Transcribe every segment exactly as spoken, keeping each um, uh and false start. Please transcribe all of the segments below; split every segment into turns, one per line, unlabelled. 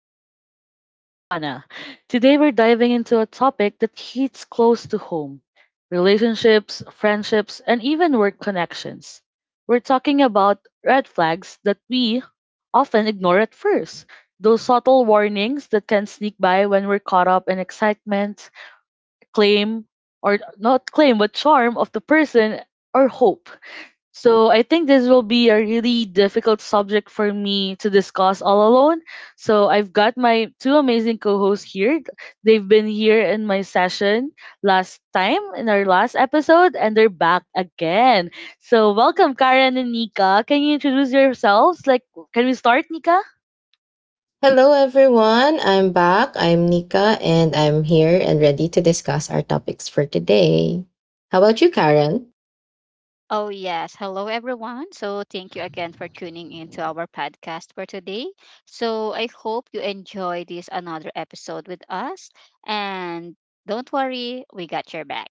truly, Rana. Today we're diving into a topic that hits close to home: relationships, friendships, and even work connections. We're talking about red flags that we often ignore at first, those subtle warnings that can sneak by when we're caught up in excitement, claim, or not claim, but charm of the person or hope. So I think this will be a really difficult subject for me to discuss all alone. So I've got my two amazing co-hosts here. They've been here in my session last time in our last episode and they're back again. So welcome Karen and Nika. Can you introduce yourselves? Like, can we start Nika?
Hello, everyone. I'm back. I'm Nika, and I'm here and ready to discuss our topics for today. How about you, Karen?
Oh, yes. Hello, everyone. So, thank you again for tuning in to our podcast for today. So, I hope you enjoy this another episode with us. And don't worry, we got your back.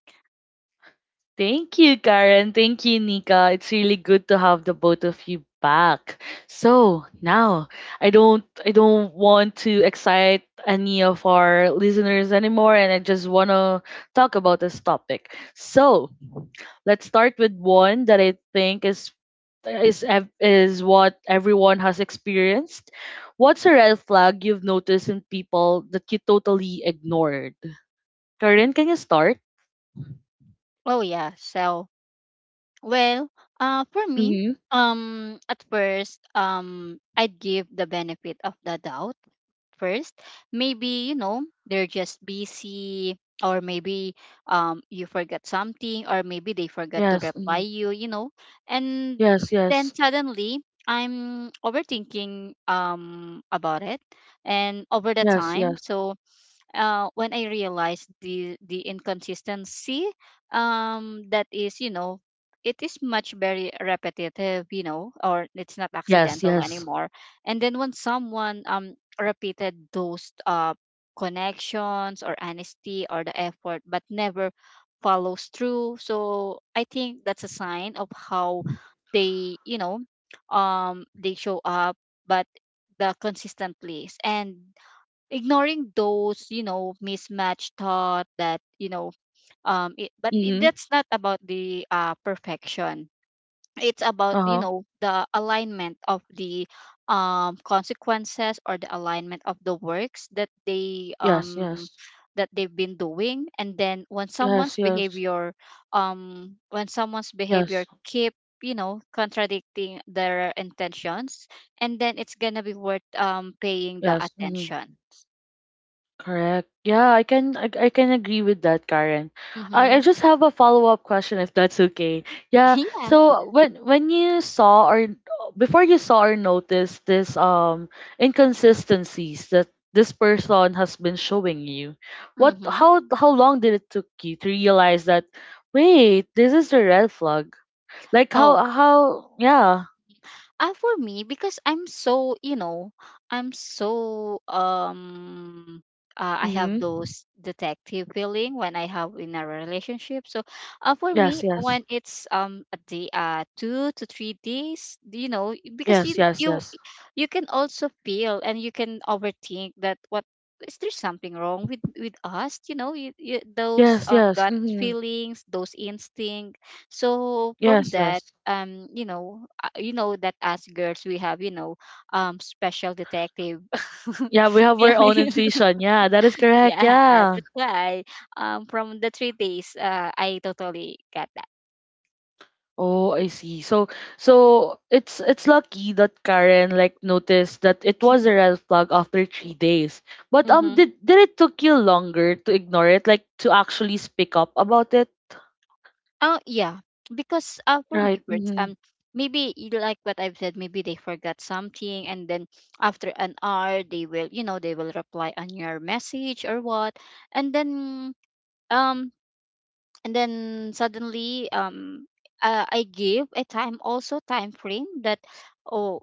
Thank you, Karen. Thank you, Nika. It's really good to have the both of you back. So now I don't I don't want to excite any of our listeners anymore and I just wanna talk about this topic. So let's start with one that I think is is ev- is what everyone has experienced. What's a red flag you've noticed in people that you totally ignored? Karen, can you start?
Oh, yeah. So, well, uh, for me,
Mm-hmm.
um, at first, um, I'd give the benefit of the doubt first. Maybe you know they're just busy, or maybe um you forgot something, or maybe they forgot to
Yes,
reply
mhm.
you you know And
Yes,
then
yes.
suddenly I'm overthinking um about it and over the
Yes,
time.
yes.
So uh, when I realized the the inconsistency, um, that is, you know, it is much very repetitive, you know, or it's not
Yes,
accidental
yes.
anymore. And then when someone um repeated those uh connections or honesty or the effort, but never follows through. So I think that's a sign of how they, you know, um, they show up, but the consistent least. And ignoring those you know mismatched thought that you know um it, but it,
Mm-hmm.
that's not about the uh perfection. It's about you
Uh-huh.
know the alignment of the um consequences or the alignment of the works that they
Yes,
um
yes.
that they've been doing. And then when
Yes,
someone's
yes.
behavior um when someone's
Yes.
behavior keep you know contradicting their intentions, and then it's gonna be worth um paying the
Yes. Mm-hmm.
attention.
Correct. Yeah, I can I, I can agree with that, Karen. I, I
Mm-hmm.
just have a follow-up question if that's okay. Yeah.
Yeah.
So when when you saw, or before you saw or noticed this um inconsistencies that this person has been showing you, what
Mm-hmm.
how how long did it took you to realize that wait, this is the red flag? Like, how
Oh,
how yeah.
uh, for me, because I'm so, you know, I'm so um uh, I have
Mhm.
those detective feeling when I have in a relationship. So, uh, for
Yes,
me,
yes.
when it's um a day, uh two to three days, you know, because
Yes,
you
yes,
you
yes.
you can also feel and you can overthink that what is there something wrong with with us you know you, you, those
Yes,
um,
yes.
gut
Mhm.
feelings those instinct. So from
Yes,
that
yes.
um you know uh, you know that as girls we have you know um special detective
Yeah, we have our
feeling.
own intuition. Yeah, that is correct.
Yeah,
Yeah.
that's why um from the three days uh I totally get that.
Oh, I see. So so it's it's lucky that Karen like noticed that it was a red flag after three days. But um
Mm-hmm.
did did it took you longer to ignore it, like to actually speak up about it?
Oh yeah, because uh, for me
Right.
first, um,
Mhm.
maybe you like what I've said, maybe they forgot something, and then after an hour, they will, you know, they will reply on your message or what, and then um, and then suddenly um, uh, I give a time also time frame that, oh,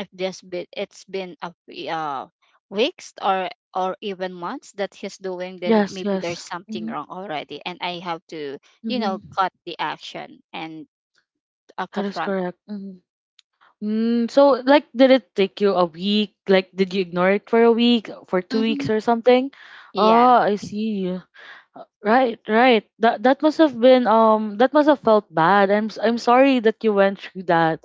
if this bit it's been a w- uh, weeks or or even months that he's doing. Then
Yes,
maybe there's
yes.
something
Mhm.
wrong already, and I have to you know
Mhm.
cut the action and uh,
That is
confront.
correct. Mm, so like did it take you a week? Like did you ignore it for a week, for two
Hmm.
weeks or something?
Yeah.
Oh, I see. Uh, Right, right. That that must have been um that must have felt bad. I'm s- I'm sorry that you went through that.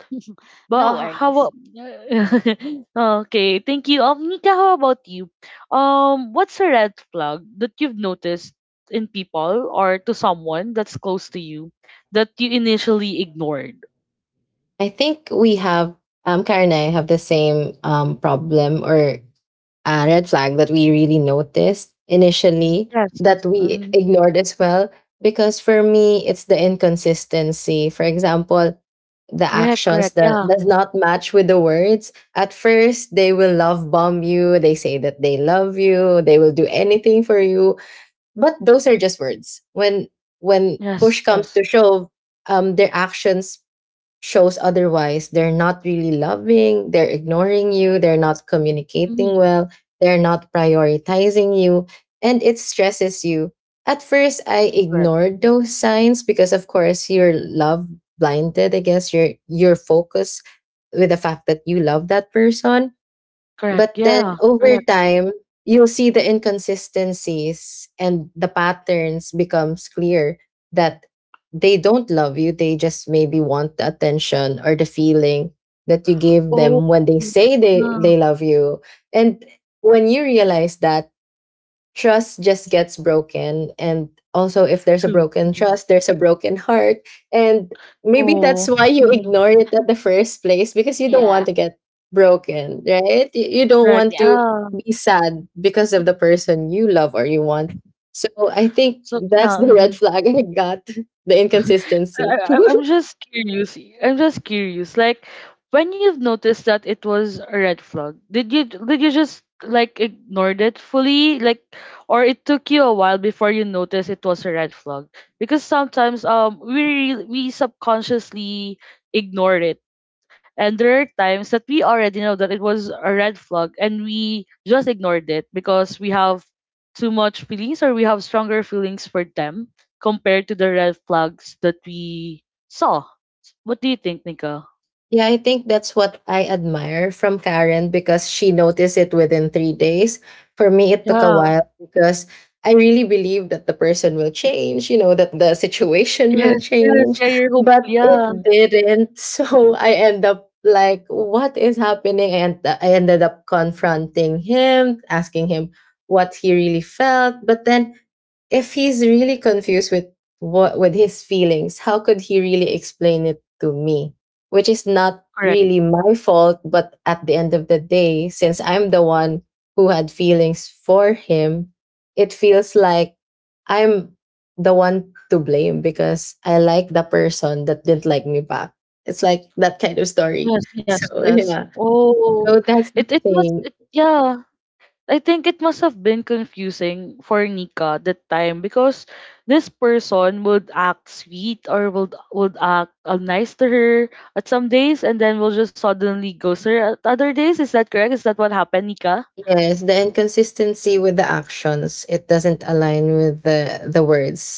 But
No
uh, how
worries.
about Okay, thank you. Um Nika, how about you? Um what's a red flag that you've noticed in people or to someone that's close to you that you initially ignored?
I think we have, um, Karen and I have the same um, problem, or uh, red flag that we really noticed initially
Yes,
that
yes.
we
Um
ignored as well. Because for me, it's the inconsistency. For example, the
correct,
actions
correct.
that
Yeah.
does not match with the words. At first, they will love bomb you. They say that they love you. They will do anything for you. But those are just words. When when
Yes,
push comes to
yes.
shove, um, their actions shows otherwise. They're not really loving, they're ignoring you, they're not communicating
Mhm.
well, they're not prioritizing you, and it stresses you. At first I
Correct.
ignored
Mhm.
those signs because of course you're love blinded, I guess. Your your focus with the fact that you love that person. But
Correct.
then
Yeah,
over
correct.
time, you'll see the inconsistencies and the patterns becomes clear that they don't love you. They just maybe want the attention or the feeling that you gave
Oh,
them when they
mm,
say they,
mm,
they love you. And when you realize that, trust just gets broken. And also, if there's a
true.
broken
Mhm.
trust, there's a broken heart. And maybe that's
Oh,
why you
mhm.
ignore it at the first place, because you don't want
Yeah.
to get broken, right? You, you don't
Correct.
want
Yeah.
to
Yeah.
be sad because of
Mm.
the person you love or you want. So I think
So,
that's
yeah,
the
hmm.
red flag I got. The
I,
inconsistency.
I, I- I'm just curious. I'm just curious. Like, when you've noticed that it was a red flag, did you did you just like ignored it fully, like, or it took you a while before you noticed it was a red flag? Because sometimes um we really, we subconsciously ignore it. And there are times that we already know that it was a red flag and we just ignored it because we have too much feelings or we have stronger feelings for them compared to the red flags that we saw. What do you think, Nika?
Yeah, I think that's what I admire from Karen because she noticed it within three days. For me, it took a
Yeah.
while because I really believe that the person will change, you know, that the situation will
Yes, yes,
change,
yeah, you're hopeful.
but it
Yeah,
didn't. So I end up like, what is happening? And I ended up confronting him, asking him what he really felt. But then if he's really confused with what with his feelings, how could he really explain it to me? Which is not
correct.
really my fault, but at the end of the day, since I'm the one who had feelings for him, it feels like I'm the one to blame because I like the person that didn't like me back. It's like that kind of story.
Yes, yes,
So
yes.
yeah.
Oh,
So that's the
it it must
thing.
it yeah. I think it must have been confusing for Nika that time because this person would act sweet or would would act uh, nice to her at some days and then will just suddenly ghost her at other days. Is that correct? Is that what happened, Nika?
Yes, the inconsistency with the actions, it doesn't align with the the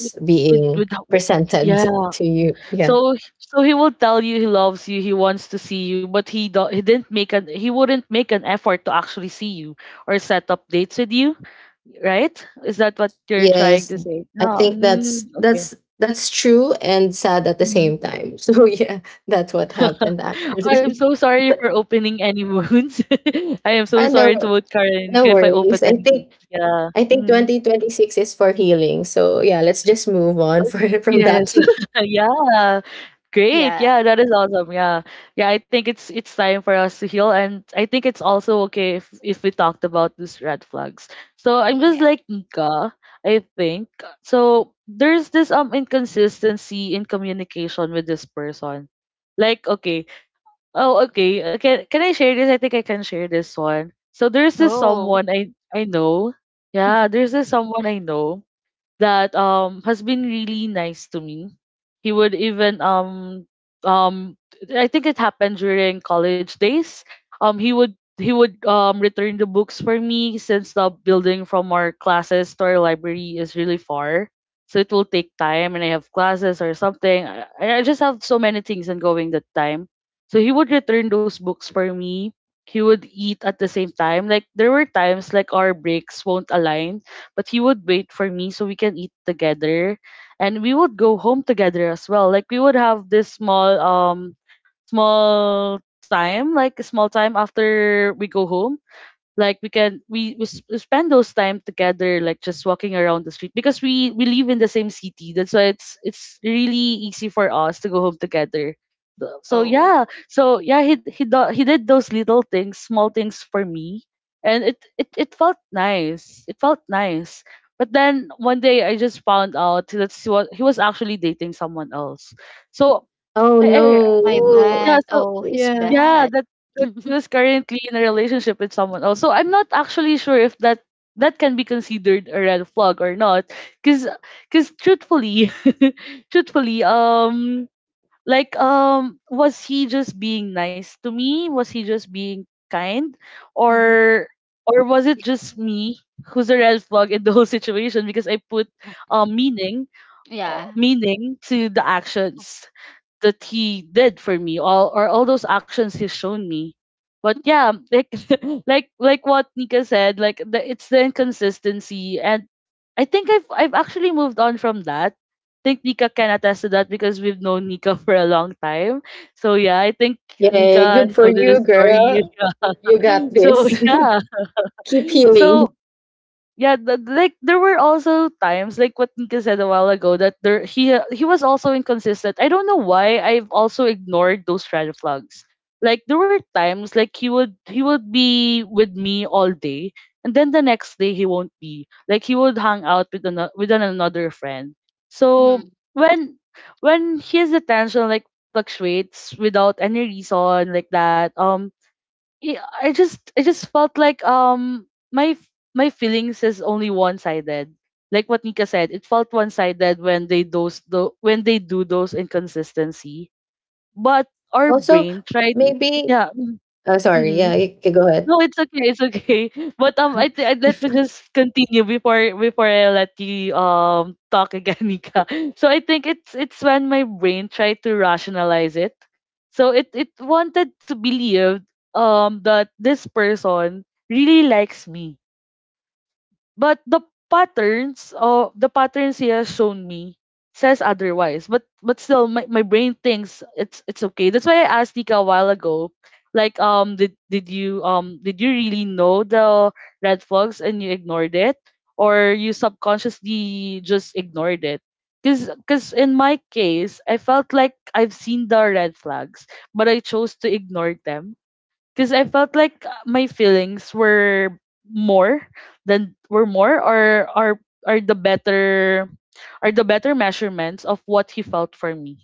With with,
being
with
presented
yeah.
to you. Yeah.
So so he will tell you he loves you, he wants to see you, but he do, he didn't make an he wouldn't make an effort to actually see you or set up dates with you, right? Is that what you're trying
Yes.
to say?
I
No.
think that's
Mm, okay.
that's that's true and sad at the same time. So yeah, that's what happened
I'm
actually.
so sorry for opening any wounds. I am so
I
sorry to
know,
both Karen and Nika
no
if I
worries.
opened
I
any wounds.
think
Yeah.
I think
Mhm.
twenty twenty-six is for healing. So yeah, let's just move on for, from
Yes.
that.
Yeah. Great.
Yeah.
Yeah, that is awesome. Yeah. Yeah, I think it's it's time for us to heal and I think it's also okay if if we talked about these red flags. So I'm just
Yeah.
like Nika, I think. So there's this um inconsistency in communication with this person. Like, okay, oh, okay. Uh, Can can I share this? I think I can share this one. So there's this
Oh.
someone I I know. Yeah, there's this someone I know that um has been really nice to me. He would even um um I think it happened during college days. Um he would he would um return the books for me since the building from our classes to our library is really far. So it will take time and I have classes or something. I, I just have so many things ongoing that time. So he would return those books for me. He would eat at the same time. Like there were times like our breaks won't align but he would wait for me so we can eat together, and we would go home together as well. Like we would have this small um small time, like a small time after we go home, like we can we, we s- we spend those time together, like just walking around the street because we we live in the same city. That's why it's it's really easy for us to go home together. Th- so
Oh.
yeah, so yeah, he he, do, he did those little things, small things for me, and it, it it felt nice, it felt nice. But then one day I just found out that he was, he was actually dating someone else. So
Oh
I, I
Oh my
no.
yeah,
bad.
so
Oh, he's
Yeah.
yeah,
bad.
that that who's currently in a relationship with someone else. So I'm not actually sure if that that can be considered a red flag or not, because because truthfully, truthfully, um, like um, was he just being nice to me? Was he just being kind,
Hmm.
or or was it just me who's a red flag in the whole situation because I put um meaning uh,
Yeah.
meaning to the actions that he did for me, all or all those actions he's shown me. But yeah, like like like what Nika said, like the, it's the inconsistency. And I think i've i've actually moved on from that. I think Nika can attest to that because we've known Nika for a long time. So yeah, I think
Yay,
Nika
good for
knows this
you,
story.
girl. You got
So
this.
yeah,
Keep healing.
so yeah, th- like there were also times like what Nika said a while ago, that there he he was also inconsistent. I don't know why I've also ignored those red flags. Like there were times like he would he would be with me all day, and then the next day he won't be. Like he would hang out with another, with an, another friend. So
Mm-hmm.
when when his attention like fluctuates without any reason like that, um yeah, I just I just felt like um my f- my feelings is only one sided. Like what Nika said, it felt one sided when they those the when they do those inconsistency. But our
Also,
brain tried,
maybe,
yeah.
oh, sorry,
Mm-hmm.
yeah, you can go
No,
ahead.
it's okay, it's okay. But um, I, th- I let me just continue before before I let you um talk again, Nika. So I think it's it's when my brain tried to rationalize it. So it it wanted to believe um that this person really likes me but the patterns of the patterns he has shown me says otherwise. But but still my, my brain thinks it's it's okay. That's why I asked Nika a while ago. Like um did did you um did you really know the red flags and you ignored it? Or you subconsciously just ignored it? Cause, cause in my case, I felt like I've seen the red flags, but I chose to ignore them because I felt like uh, my feelings were more than were more, or are are the better are the better measurements of what he felt for me.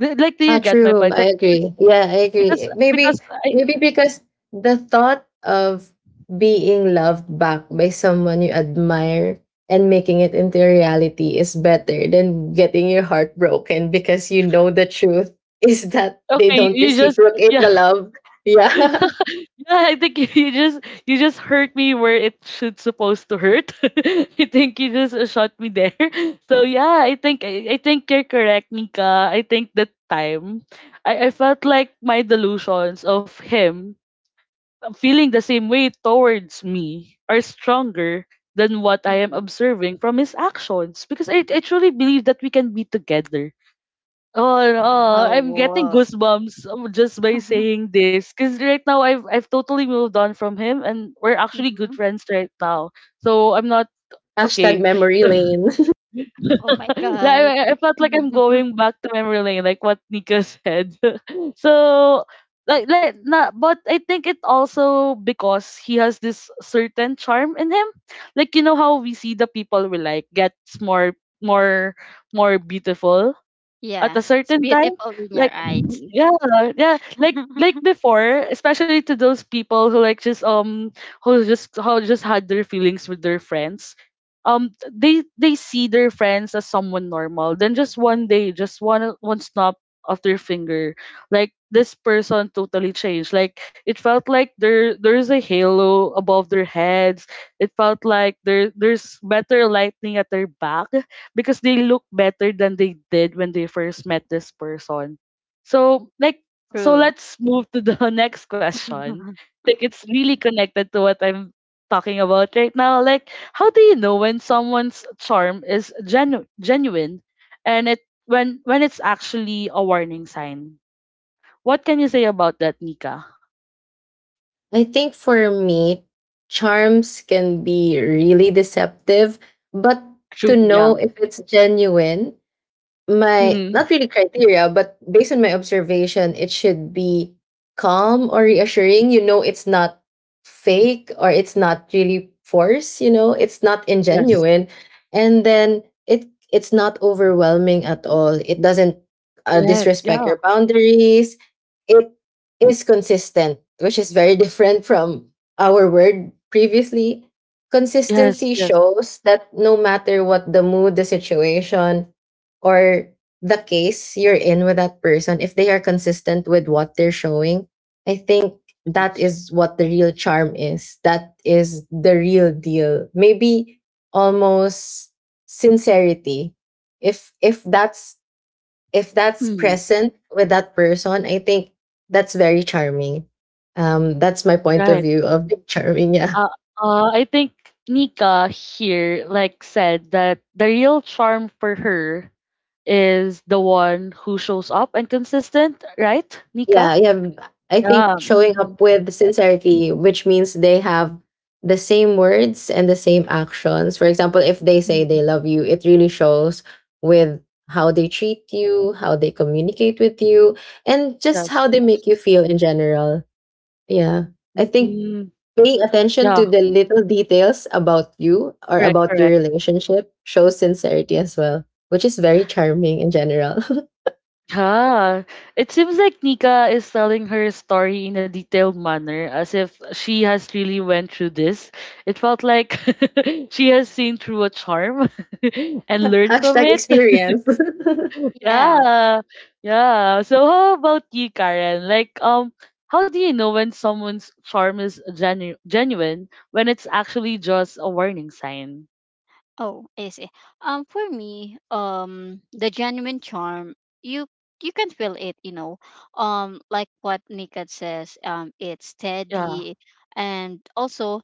Th- Like, do
Ah,
you get my
true.
point?
I
Like because
agree. Yeah, I
because
agree. Maybe
because I
maybe because the thought of being loved back by someone you admire and making it into a reality is better than getting your heart broken because you know the truth is that they
okay, you
don't
you just
reciprocate
yeah.
the love. Yeah.
Yeah, I think you just you just hurt me where it should supposed to hurt. I think you just uh, shot me there. So yeah, I think I, I think you're correct, Nika. I think that time I, I felt like my delusions of him feeling the same way towards me are stronger than what I am
Mm-hmm.
observing from his actions because I, I truly believe that we can be together. Oh, no! I'm getting
Oh.
goosebumps um, just by
Wow.
saying this because right now I've I've totally moved on from him and we're actually good
Mhm.
friends right now. So I'm not
Hashtag
okay.
memory lane.
Oh my
like,
god.
I I felt like I'm going back to memory lane, like what Nika said. So like like na, but I think it also because he has this certain charm in him. Like you know how we see the people we like gets more more more beautiful at a
Yeah, it's
certain time,
beautiful in
like
your eyes.
yeah, yeah like like before, especially to those people who like just um who just who just had their feelings with their friends. Um they they see their friends as someone normal, then just one day, just one one snap of their finger, like this person totally changed. Like it felt like there there's a halo above their heads. It felt like there there's better lightning at their back because they look better than they did when they first met this person. So like, so
True.
let's move to the next question. Like it's really connected to what I'm talking about right now. Like how do you know when someone's charm is genu- genuine and it when when it's actually a warning sign? What can you say about that, Nika?
I think for me, charms can be really deceptive, but
True,
to know
yeah.
if it's genuine, my
Mm-hmm.
not really criteria, but based on my observation, it should be calm or reassuring. You know, it's not fake or it's not really force. You know, it's not
Yes.
ingenuine, and then it it's not overwhelming at all. It doesn't uh,
Correct.
disrespect
Yeah.
your boundaries. It is consistent, which is very different from our word previously.
Yes.
Consistency
Yes.
shows that no matter what the mood, the situation, or the case you're in with that person, if they are consistent with what they're showing, I think that
Yes.
is what the real charm is. That is the real deal. Maybe almost sincerity. If if that's if that's
Hmm.
present with that person, I think that's very charming. Um, that's my point of
Right.
view of being charming. Yeah.
Uh, uh, I think Nika here like said that the real charm for her is the one who shows up and consistent, right,
Yeah,
Nika?
yeah, b- I
Yeah.
think showing
mm,
up with sincerity, which means they have the same words and the same actions. For example, if they say they
mm,
love you, it really shows with how they treat you, how they communicate with you, and just
Yes.
how they
Yes.
make you feel in general. Yeah, I think
Mm,
paying attention
yeah.
to the little details about you or
Correct.
about your
Correct.
relationship shows sincerity as well, which is very charming in general.
Yeah. It seems like Nika is telling her story in a detailed manner, as if she has really went through this. It felt like she has seen through a charm and learned from
Hashtag
it.
experience.
Yeah.
Yeah, yeah. So how about you, Karen? Like, um, how do you know when someone's charm is genu genuine when it's actually just a warning sign?
Oh, I see. Um, for me, um, the genuine charm, you you can feel it, you know. Um, like what Nika says, um, it's
Yeah,
steady, and also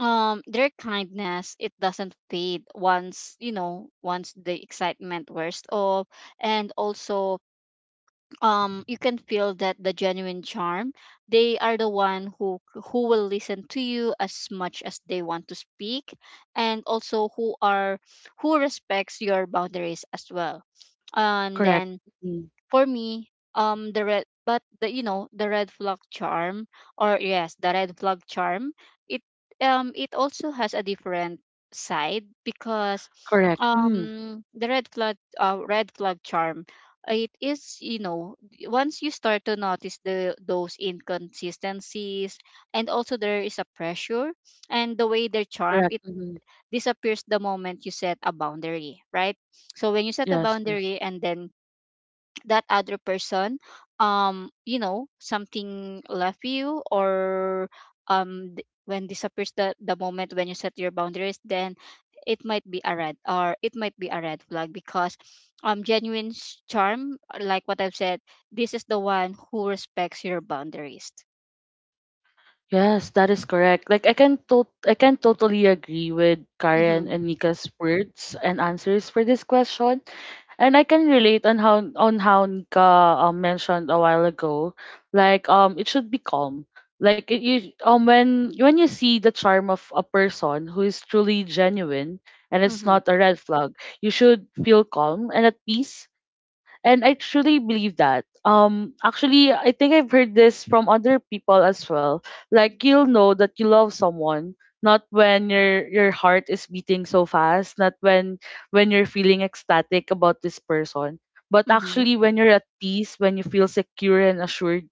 um their kindness, it doesn't fade once, you know, once the excitement wears off. And also um you can feel that the genuine charm, they are the one who who will listen to you as much as they want to speak, and also who are who respects your boundaries as well. And
correct.
then
Mm,
for me, um, the red, but the you know the red flag charm, or yes, the red flag charm. It um it also has a different side, because
correct. Mm,
um the red flag uh red flag charm, it is you know once you start to notice the those inconsistencies, and also there is a pressure, and the way their charm
correct.
it
Hmm.
disappears the moment you set a boundary, right? So when you set a
Yes, yes.
boundary, and then that other person um you know something left you, or um th- when disappears the, the moment when you set your boundaries. Then it might be a red, or it might be a red flag, because um genuine s- charm, like what I've said, this is the one who respects your boundaries.
Yes, that is correct. Like I can to I can totally agree with Karen
Mm-hmm.
and Nika's words and answers for this question. And I can relate on how on how Nika um, mentioned a while ago, like um it should be calm. Like it, you um when when you see the charm of a person who is truly genuine and it's
Mm-hmm.
not a red flag, you should feel calm and at peace, and I truly believe that. Um, actually, I think I've heard this from other people as well. Like you'll know that you love someone not when your your heart is beating so fast, not when when you're feeling ecstatic about this person, but
Mm-hmm.
actually when you're at peace, when you feel secure and assured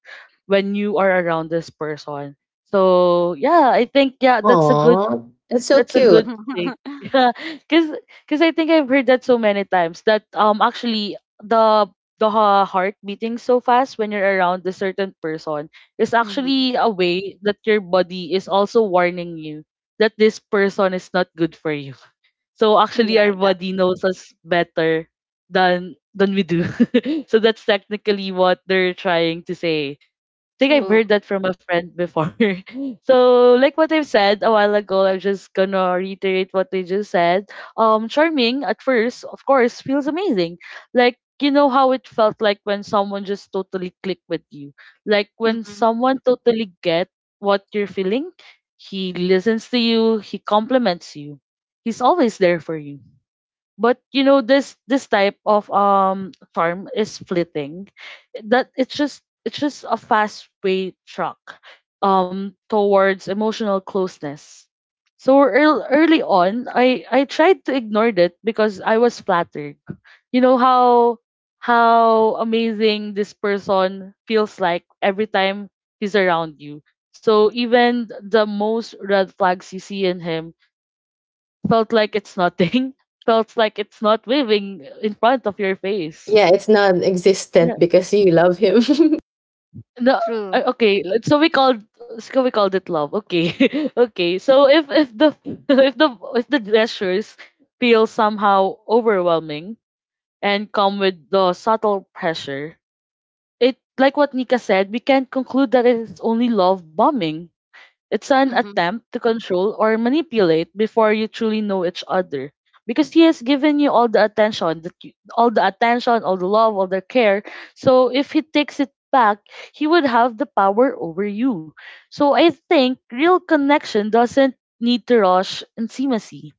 when you are around this person. So yeah, I think yeah, that's a good,
Aw, that's so
that's a
cute.
good thing. Yeah, because because I think I've heard that so many times that um actually the the ha- heart beating so fast when you're around a certain person is
Mm-hmm.
actually a way that your body is also warning you that this person is not good for you. So actually
Yeah.
our
Yeah.
body knows us better than than we do. So that's technically what they're trying to say, think I've
True.
heard that from a friend before. So, like what I've said a while ago, I'm just gonna reiterate what they just said. Um, charming at first, of course, feels amazing. Like you know how it felt like when someone just totally clicked with you, like when
Mm-hmm.
someone totally get what you're feeling. He listens to you. He compliments you. He's always there for you. But you know this this type of um charm is fleeting, that it's just it's just a fast way truck um towards emotional closeness. So earl- early on, i i tried to ignore it because I was flattered. You know how how amazing this person feels like every time he's around you. So even the most red flags you see in him felt like it's nothing. Felt like it's not waving in front of your face.
Yeah, it's non-existent
No,
because you love him.
no,
True.
uh, okay. let- So we called, so we called it love. Okay, okay. So if if the if the if the gestures feel somehow overwhelming and come with the subtle pressure, it like what Nika said, we can conclude that it's only love bombing. It's an
Mm-hmm.
attempt to control or manipulate before you truly know each other. Because he has given you all the attention, that you, all the attention, all the love, all the care. So if he takes it back, he would have the power over you. So I think real connection doesn't need to rush intimacy.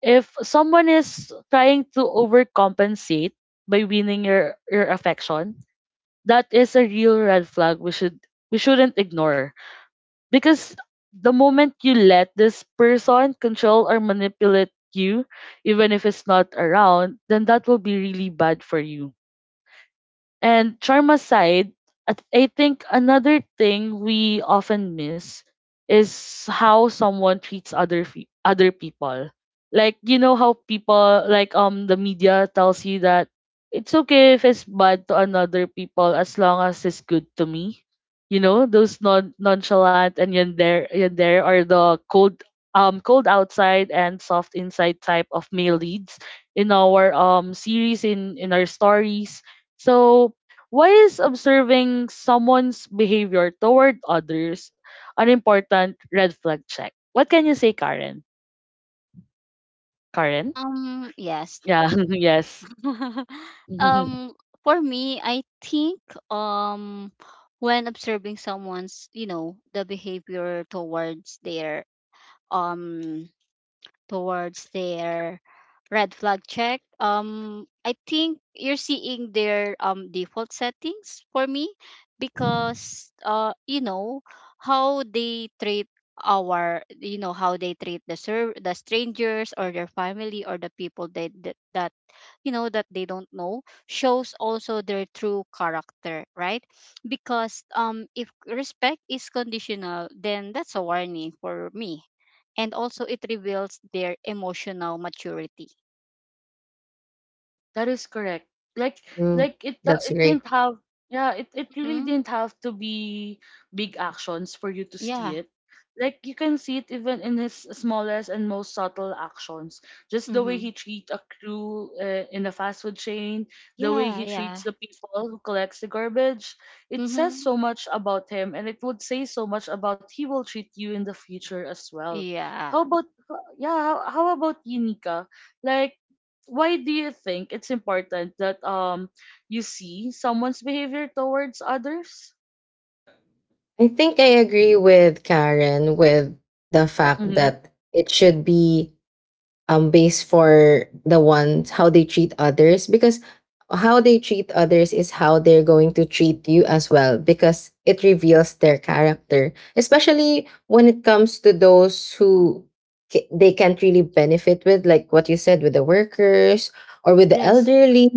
If someone is trying to overcompensate by winning your, your affection, that is a real red flag we should we shouldn't ignore, because the moment you let this person control or manipulate you, even if it's not around, then that will be really bad for you. And charm aside, I th- I think another thing we often miss is how someone treats other fe- other people. Like you know how people like um the media tells you that it's okay if it's bad to another people as long as it's good to me. You know those non nonchalant, and yet there yet there are the cold um cold outside and soft inside type of male leads in our um series in in our stories. So why is observing someone's behavior toward others an important red flag check? What can you say, Karen? Karen?
um yes.
Yeah, yes.
um for me, I think um when observing someone's you know the behavior towards their um towards their red flag check, um I think you're seeing their um default settings for me. Because uh you know how they treat our you know how they treat the ser- the strangers or their family or the people that that that you know that they don't know shows also their true character, right? Because um if respect is conditional, then that's a warning for me, and also it reveals their emotional maturity.
That is correct. Like
Mm,
like it do-
that's
it
great.
didn't have yeah, it, it really
Hmm.
didn't have to be big actions for you to see
Yeah.
it. Like you can see it even in his smallest and most subtle actions. Just the way he
Hmm.
treats a crew uh, in a fast food chain, the way
Yeah.
he
Yeah.
treats the people who collects the garbage. It says
Hmm.
so much about him and it would say so much about he will treat you in the future as well.
Yeah.
How about yeah, how, how about you, Nika? Like why do you think it's important that um you see someone's behavior towards others?
I think I agree with Karen with the
Correct.
fact
Mm-hmm.
that it should be um based for the ones how they treat others, because how they treat others is how they're going to treat you as well, because it reveals their character, especially when it comes to those who ca- they can't really benefit, with like what you said, with the workers or with the
Yes,
elderly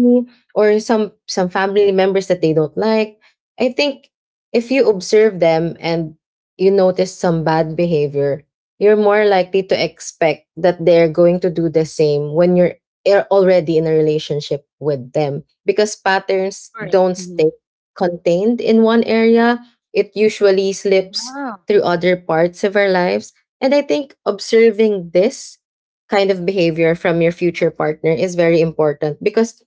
or some some family members that they don't like. I think if you observe them and you notice some bad behavior, you're more likely to expect that they're going to do the same when you're you're already in a relationship with them, because patterns
correct.
don't
Mm-hmm.
stay contained in one area. It usually slips
Yeah,
through other parts of our lives. And I think observing this kind of behavior from your future partner is very important, because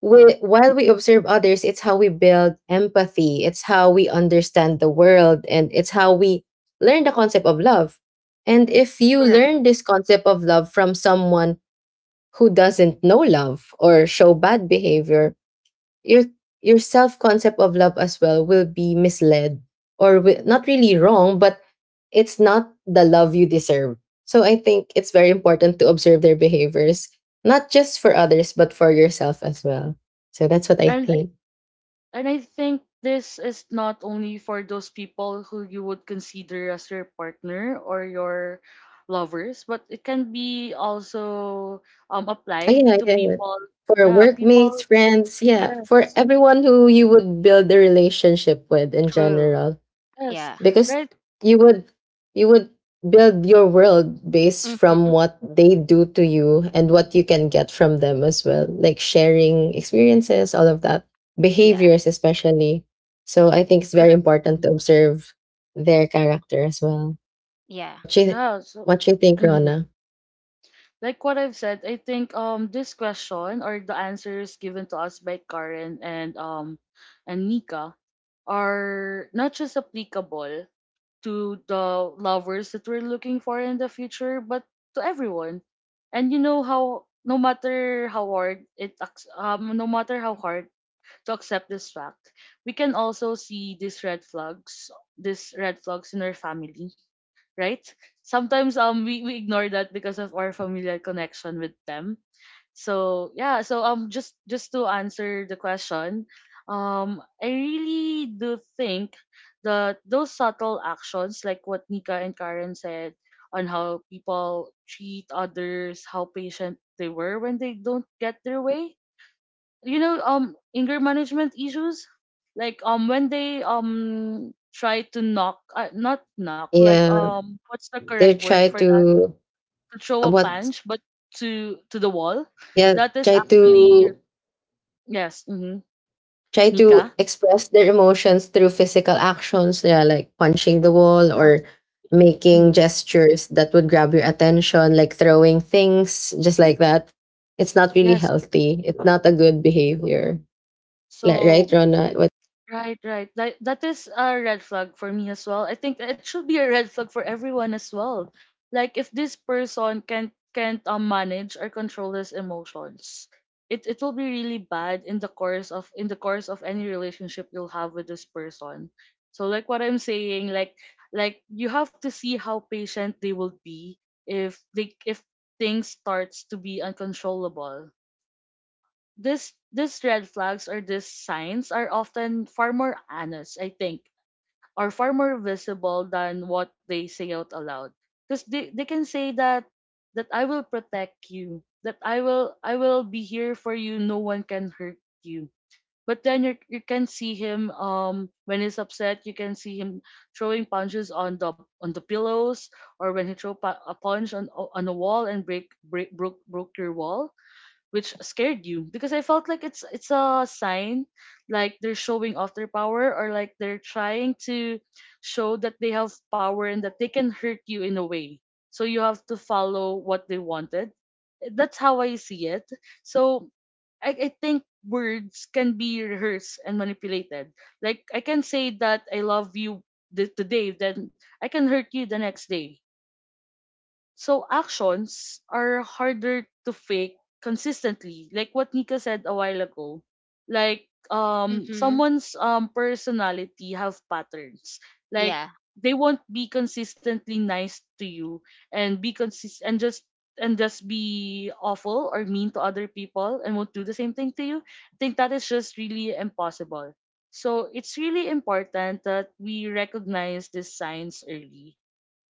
we, while we observe others, it's how we build empathy, it's how we understand the world, and it's how we learn the concept of love. And if you
correct.
learn this concept of love from someone who doesn't know love or show bad behavior, your your self concept of love as well will be misled, or wi- not really wrong, but it's not the love you deserve. So I think it's very important to observe their behaviors, not just for others but for yourself as well. So that's what I
And I
think.
and I think this is not only for those people who you would consider as your partner or your lovers, but it can be also um
Ah,
applied
yeah,
to
yeah, yeah.
people.
For
Yeah,
workmates,
people.
friends, yeah,
Yeah.
for everyone who you would build a relationship with in
True.
general,
Yes.
Yeah.
because
Right.
you would you would build your world based from
Hmm.
what they do to you and what you can get from them as well, like sharing experiences, all of that,
Yeah.
behaviors especially. So I think it's very
Correct.
important
Mhm.
to observe their character as well.
Yeah.
what you
Yeah. So.
what you think,
Mm-hmm.
Rona?
Like what I've said, I think um this question or the answers given to us by Karen and um and Nika are not just applicable to the lovers that we're looking for in the future, but to everyone. And you know how no matter how hard it ac- um no matter how hard to accept this fact, we can also see these red flags, these red flags in our family, right? Sometimes um we, we ignore that because of our familial connection with them. So yeah, so um just just to answer the question, um I really do think that those subtle actions like what Nika and Karen said on how people treat others, how patient they were when they don't get their way, you know um anger management issues like um when they um try to knock uh, not knock, like
Yeah,
um what's the
they
correct word
try
for that,
to,
to throw a
what?
punch but to to the wall,
Yeah,
that is
try
actually
to,
yes, mm-hmm,
try to
Nika,
express their emotions through physical actions, yeah, like punching the wall
yes,
or making
hmm,
gestures that would grab your attention, like throwing things, just like that. It's not really
yes,
healthy. It's not a good behavior. Li- Right,
so
Rona? What?
right, right. That that is a red flag for me as well. I think it should be a red flag for everyone as well. Like if this person can't can't um, manage or control his emotions, it it will be really bad in the course of, in the course of any relationship you'll have with this person. So like what I'm saying, like like you have to see how patient they will be if they if things starts to be uncontrollable. this this red flags or these signs are often far more honest, I think, or far more visible than what they say out aloud. Because they, they can say that that I will protect you, that I will I will be here for you, no one can hurt you. But then you you can see him um when he's upset, you can see him throwing punches on the on the pillows, or when he throw pa- a punch on on a wall and break break broke broke your wall, which scared you because I felt like it's it's a sign, like they're showing off their power, or like they're trying to show that they have power and that they can hurt you in a way. So you have to follow what they wanted. That's how I see it. So I, I think words can be rehearsed and manipulated. Like I can say that I love you th- today, then I can hurt you the next day. So actions are harder to fake consistently, like what Nika said a while ago. Like um
Hmm.
someone's um personality have patterns. Like
Yeah.
they won't be consistently nice to you and be consist and just and just be awful or mean to other people and won't do the same thing to you. I think that is just really impossible. So it's really important that we recognize these signs early.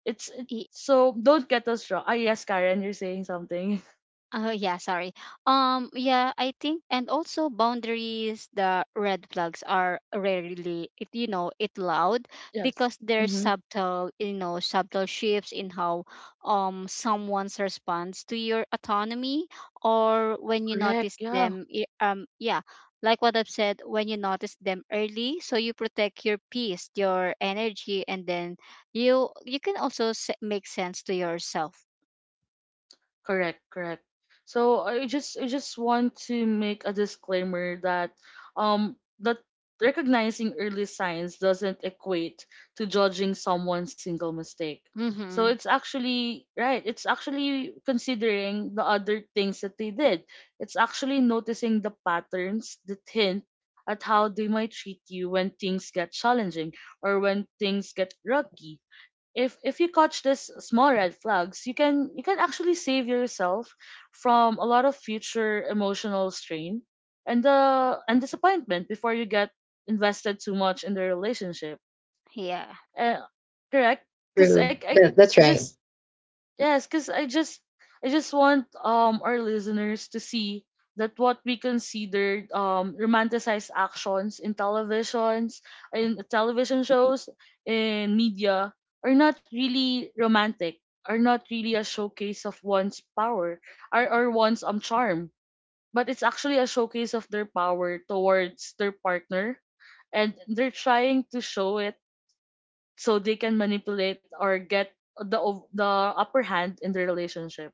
It's, it's so don't get us wrong. Ah, yes, Karen, you're saying something.
Oh yeah, sorry. Um yeah, I think and also boundaries the red flags are rarely if you know it loud,
Yes.
because there's
Mm-hmm.
subtle you know subtle shifts in how um someone's response to your autonomy, or when you
Correct.
notice
Yeah.
them i- um yeah, like what I've said, when you notice them early so you protect your peace, your energy. And then you you can also se- make sense to yourself.
Correct, correct. So I just I just want to make a disclaimer that um that recognizing early signs doesn't equate to judging someone's single mistake. So
Mhm.
it's actually right, it's actually considering the other things that they did. It's actually noticing the patterns that hint at how they might treat you when things get challenging or when things get rocky. If if you catch this small red flags, you can you can actually save yourself from a lot of future emotional strain and the and disappointment before you get invested too much in the relationship.
Yeah.
uh, Correct, because I,
True.
I
That,
I
that's right.
just Yes, because I just I just want um our listeners to see that what we considered um romanticized actions in televisions, in television shows, in media, are not really romantic, are not really a showcase of one's power, or, or one's um charm. But it's actually a showcase of their power towards their partner, and they're trying to show it so they can manipulate or get the ov- the upper hand in the relationship.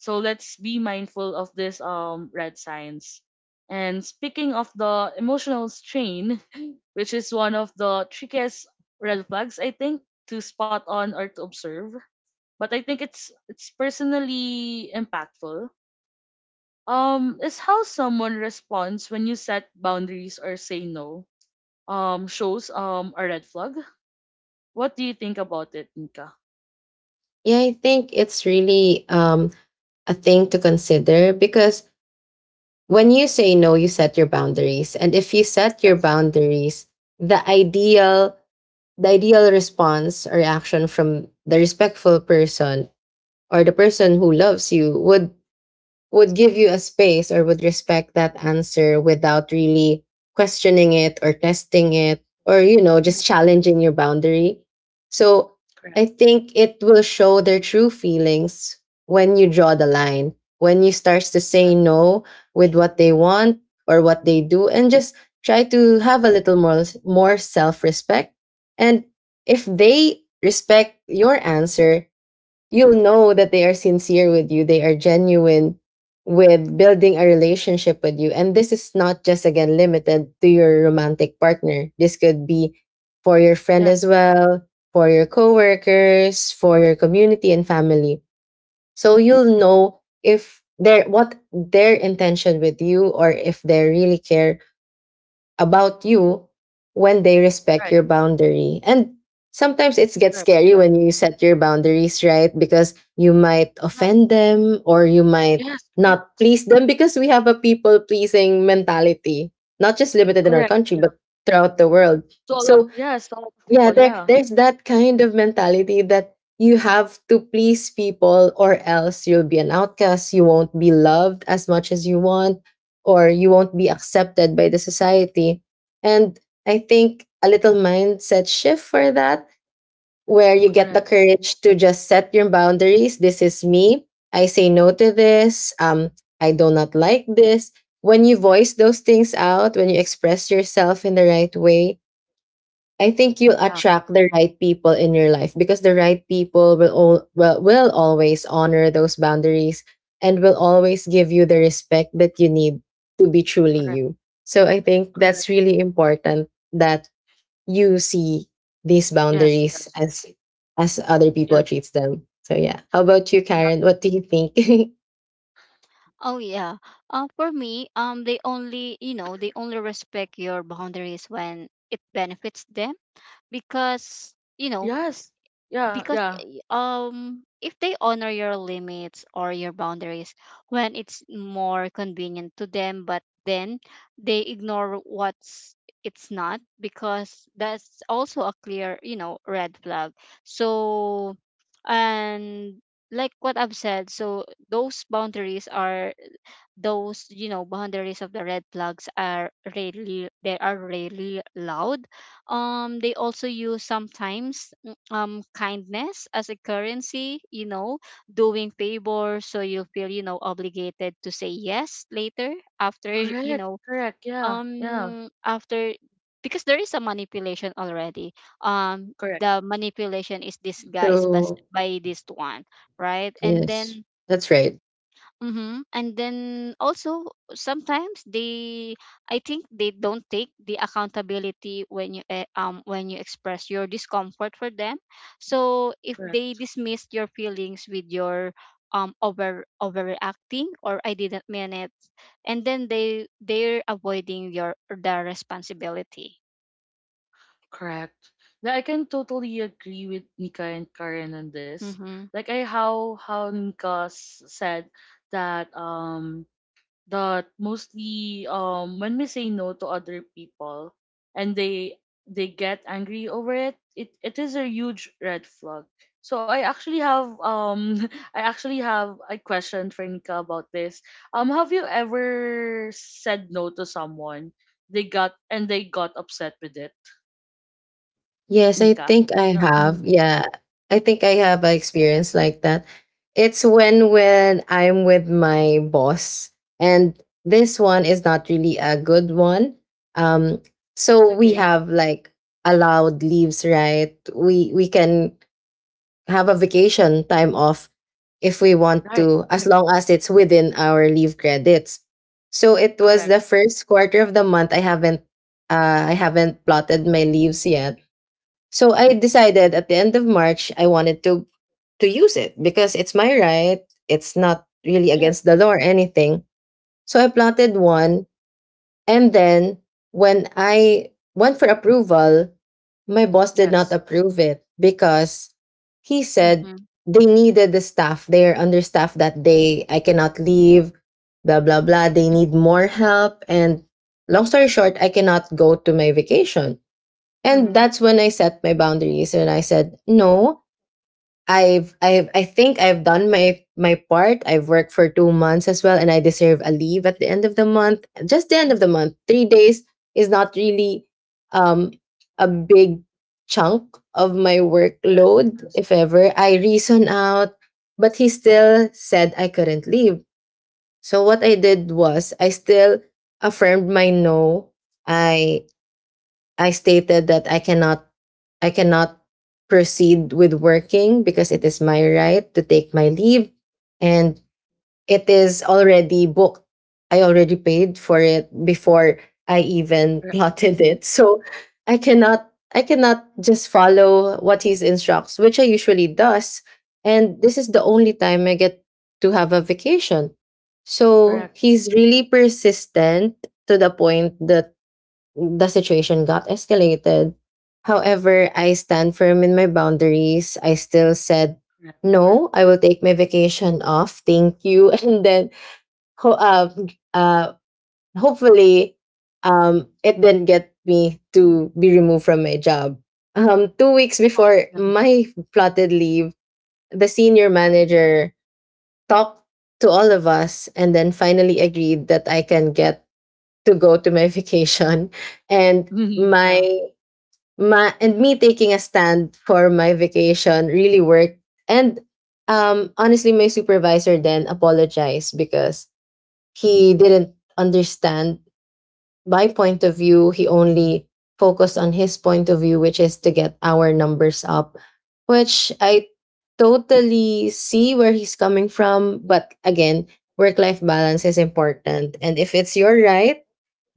So let's be mindful of this um red signs. And speaking of the emotional strain, which is one of the trickiest red flags, I think, to spot on or to observe, but I think it's it's personally impactful. Um is how someone responds when you set boundaries or say no? Um shows um a red flag. What do you think about it, Nika?
Yeah, I think it's really um, a thing to consider, because when you say no, you set your boundaries. And if you set your
Yes.
boundaries, the ideal the ideal response or reaction from the respectful person or the person who loves you would would give you a space or would respect that answer without really questioning it or testing it or you know
Yes.
just
Yes.
challenging your boundary. So
Correct.
I think it will show their true feelings when you draw the line, when you start to say
Correct.
no with what they want or what they do, and just try to have a little more more self-respect. And if they respect your answer, you'll know that they are sincere with you, they are genuine with building a relationship with you. And this is not just, again, limited to your romantic partner. This could be for your friend
Yes.
as well, for your coworkers, for your community and family. So you'll know if their what their intention with you, or if they really care about you, when they respect
Right.
your boundary. And sometimes it gets
Correct.
scary
Correct.
when you set your boundaries, right? Because you might
Yes.
offend them, or you might
Yes.
not
Correct.
please them, because we have a people pleasing mentality, not just limited in our
Correct.
country,
Yeah.
but throughout the world.
So a lot.
So
Yes. A lot of people.
yeah, there
Yeah.
there's that kind of mentality that you have to please people, or else you'll be an outcast, you won't be loved as much as you want, or you won't be accepted by the society. And I think a little mindset shift for that, where you get
Correct.
the courage to just set your boundaries. This is me. I say no to this, um I do not like this. When you voice those things out, when you express yourself in the right way, I think you'll
Yeah.
attract the right people in your life, because the right people will all, will, will always honor those boundaries and will always give you the respect that you need to be truly
Correct.
you. So I think
Correct.
that's really important, that you see these
Yes.
boundaries
Yes.
as as other people
Yes.
treats them. So yeah. How about you,
Yeah.
Karen? What do you think?
Oh yeah. Uh, for me, um, they only you know they only respect your boundaries when it benefits them, because you know
Yes. Yeah.
because
Yeah.
eh, um if they honor your limits or your boundaries when it's more convenient to them, but then they ignore what's it's not. Because that's also a clear you know red flag. So and like what I've said, so those boundaries are those you know boundaries of the red flags are rarely they are rarely loud. um they also use sometimes mm, um kindness as a currency, you know, doing favors so you feel you know obligated to say yes later after you
Correct.
know
Correct. Yeah. Yeah.
um after, because there is a manipulation already. um
Correct.
the manipulation is disguised, but
So
by this one, right? And
yes,
then
that's right.
mm-hmm. And then also sometimes they, I think they don't take the accountability when you eh, um when you express your discomfort for them. So if
Correct.
they dismiss your feelings with your um over overreacting or I didn't mean it, and then they they're avoiding your their responsibility.
Correct. Like I can totally agree with Nika and Karen on this.
Mm-hmm.
Like I how how Nika s- said that um that mostly, um when we say no to other people and they they get angry over it, it it is a huge red flag. So I actually have um I actually have a question for Nika about this. Um have you ever said no to someone, they got and they got upset with it?
Yes, I
Nika.
think I
No, hmm,
have. Yeah. I think I have an experience like that. It's when when I'm with my boss and this one is not really a good one. Um
it's
so we
okay.
have like allowed leaves, right? We we can have a vacation time off if we want
Right,
to, as
right,
long as it's within our leave credits. So it was
correct.
the first quarter of the month. I haven't uh, I haven't plotted my leaves yet, so I decided at the end of March I wanted to to use it because it's my right. It's not really
Yes,
against the law or anything. So I plotted one, and then when I went for approval, my boss did
yes,
not approve it because he said
Mm-hmm.
they needed the staff. They are understaffed that day. I cannot leave, blah blah blah. They need more help, and long story short, I cannot go to my vacation. And
Mm-hmm.
that's when I set my boundaries and I said no. I've i've i think i've done my my part. I've worked for two months as well, and I deserve a leave at the end of the month. Just the end of the
Mm-hmm.
month, three days is not really um a big chunk of my
yes,
workload,
yes.
if ever I reason out. But he still said I couldn't leave, so what I did was I still affirmed my no. I I stated that I cannot, I cannot proceed with working because it is my right to take my leave, and it is already booked. I already paid for it before I even
Correct,
plotted
hmm,
it. So I cannot, I cannot just follow what he instructs, which I usually does. And this is the only time I get to have a vacation. So
correct,
he's really persistent, to the point that the situation got escalated. However, I stand firm in my boundaries. I still said,
correct, correct.
no, I will take my vacation off. Thank you. And then, ho- um, uh, hopefully, um, it didn't get me to be removed from my job. Um, two weeks
Or,
before my plotted leave, the senior manager talked to all of us and then finally agreed that I can get to go to my vacation. And
mhm,
my
yeah.
my and me taking a stand for my vacation really worked. And um honestly, my supervisor then apologized because he didn't understand my point of view. He only focused on his point of view, which is to get our numbers up, which I totally see where he's coming from. But again, work life balance is important. And if it's your right,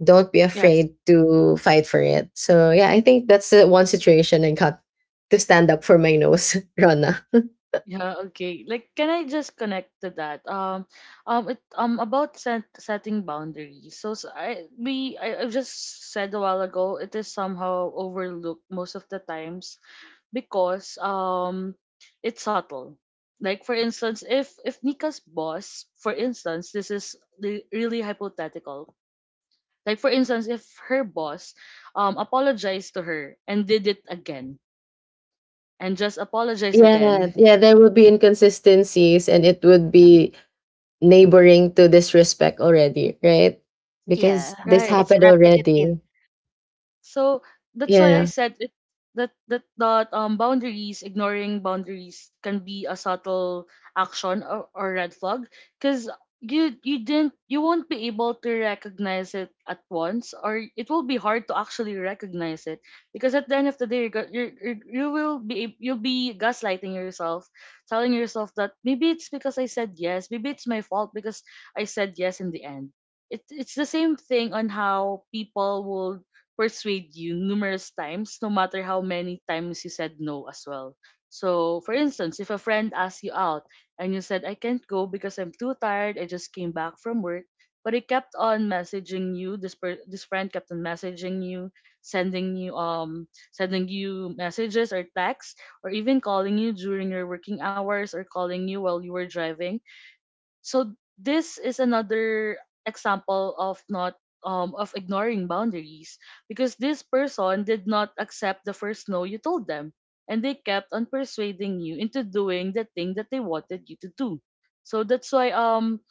don't be
Yes.
afraid to fight for it. So yeah, I think that's the one situation I got to stand up for my nose, Rona.
Yeah. Okay. Like, can I just connect to that? Um, um, it, um, about set, setting boundaries. So, so I we I, I just said a while ago, it is somehow overlooked most of the times because um it's subtle. Like, for instance, if if Nika's boss, for instance, this is li- really hypothetical. Like, for instance, if her boss um apologized to her and did it again and just apologized
Yeah,
again,
yeah, there will be inconsistencies and it would be neighboring to disrespect already, right?
Yeah,
Because this
right?
it's
happened
repetitive.
already.
So that's why I
Yeah.
said it that that that um boundaries, ignoring boundaries, can be a subtle action, or, or red flag, because you you didn't you won't be able to recognize it at once, or it will be hard to actually recognize it, because at the end of the day you're, go- you're, you're you will be ab- you'll be gaslighting yourself, telling yourself that maybe it's because I said yes, maybe it's my fault because I said yes. In the end, it, it's the same thing on how people will persuade you numerous times, no matter how many times you said no as well. So, for instance, if a friend asks you out and you said, I can't go because I'm too tired, I just came back from work, but he kept on messaging you, this, per- this friend kept on messaging you, sending you, um, sending you messages or texts, or even calling you during your working hours, or calling you while you were driving. So this is another example of not um of ignoring boundaries, because this person did not accept the first no you told them, and they kept on persuading you into doing the thing that they wanted you to do. So that's why um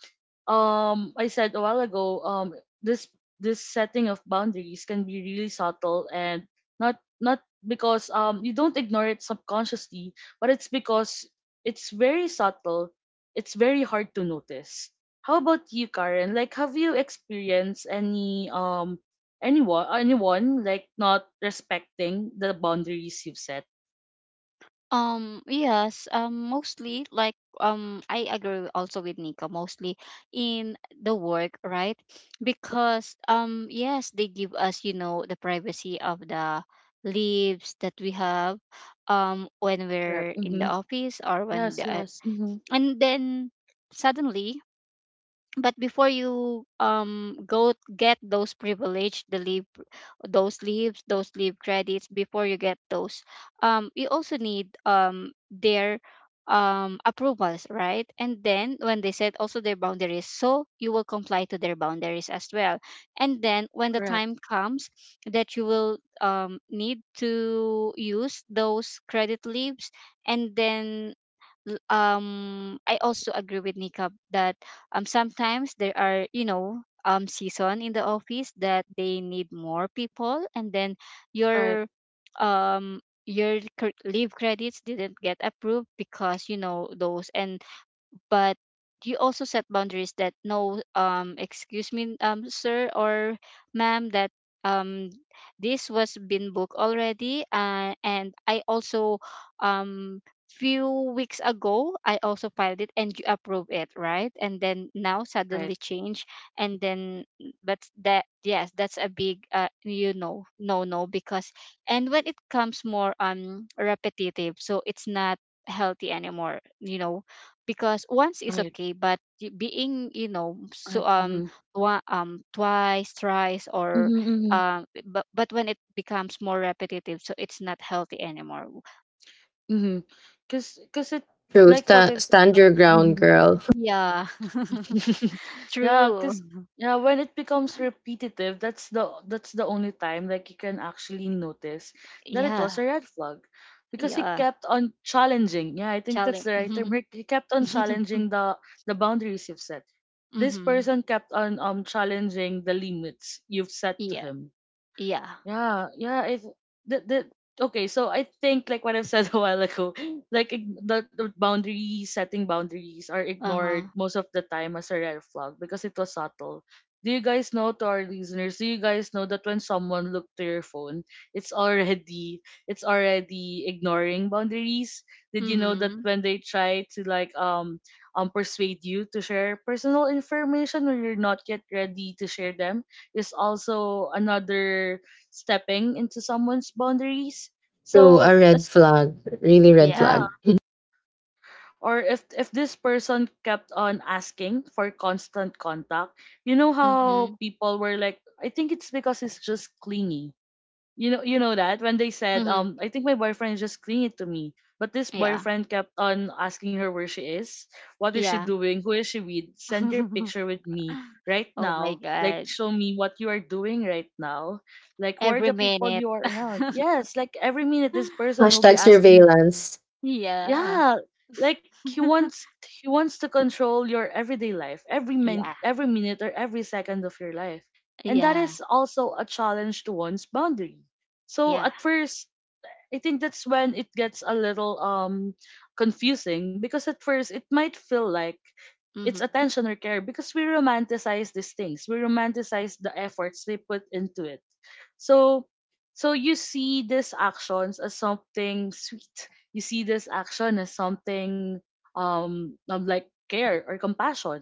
um I said a while ago, um this this setting of boundaries can be really subtle, and not not because um you don't ignore it subconsciously, but it's because it's very subtle. It's very hard to notice. How about you, Karen? Like, have you experienced any um anyone anyone like not respecting the boundaries you've set?
Um, yes, um, mostly like um I agree also with Nika, mostly in the work, right? Because um yes, they give us, you know, the privacy of the leaves that we have um when
Correct.
we're in
Mm-hmm.
the office or
Yes,
when the
yes. Mm-hmm.
and then suddenly. But before you um go get those privilege the leave those leaves those leave credits before you get those um you also need um their um approvals, right? And then when they set also their boundaries, so you will comply to their boundaries as well. And then when the
Correct.
time comes that you will um need to use those credit leaves, and then l- um I also agree with Nika that um sometimes there are you know um season in the office that they need more people, and then
Right,
your um your cr- leave credits didn't get approved because you know those. And but you also set boundaries that no um excuse me um sir or ma'am that um this was been booked already, uh, and I also um few weeks ago I also filed it, and you approve it, right? And then now
right,
suddenly change. And then but that, yes, that's a big uh, you know no no, because and when it comes more um repetitive so it's not healthy anymore, you know. Because once is
right,
okay, but y- being you know
right.
so um
Mm-hmm.
twa- um twice thrice or
Mm-hmm,
um but, but when it becomes more repetitive so it's not healthy anymore.
mm-hmm. Cause, cause it
True.
like what
Sta-
I've said.
stand your ground,
Mm.
girl.
Yeah.
Yeah, cause
True.
yeah, when it becomes repetitive, that's the that's the only time like you can actually notice that it was
Yeah.
a red flag, because he
Yeah.
kept on challenging. Yeah, I think that's
Challenge.
the right term.
Mhm.
He he kept on challenging the the boundaries you've set. This
Mhm.
person kept on um challenging the limits you've set to
Yeah.
him.
Yeah.
Yeah, yeah. If the the Okay, so I think like what I've said a while ago, like ig- the, the boundary, setting boundaries, are ignored
Uh-huh.
most of the time as a red flag because it was subtle. Do you guys know, to our listeners, do you guys know that when someone look to your phone, it's already it's already ignoring boundaries? Did you know that
Hmm.
when they try to like um um persuade you to share personal information when you're not yet ready to share them, is also another stepping into someone's boundaries.
True. A
So
red
as
flag. Really red
Yeah,
Yeah.
flag.
or if if this person kept on asking for constant contact, you know
Mm-hmm.
how people were like, I think it's because it's just clingy. You know, you know that when they said,
Hmm.
um, I think my boyfriend is just clinging to me, but this
Yeah.
boyfriend kept on asking her where she is, what is she
Yeah.
doing, who is she with, send your picture with me right
Oh my
now, like
god.
show me what you are doing right now, like who are
Every
the people
minute.
you are around. Yes, like every minute this person will be
Hashtag
asking.
surveillance.
Yeah.
Yeah, like he wants, he wants to control your everyday life every min
Yeah,
every minute or every second of your life. And that
yeah,
is also a challenge to one's boundary. So
yeah.
at first, I think that's when it gets a little um confusing, because at first it might feel like it's
Mhm.
attention or care, because we romanticize these things. We romanticize the efforts they put into it. So so you see these actions as something sweet. You see this action as something um of like care or compassion.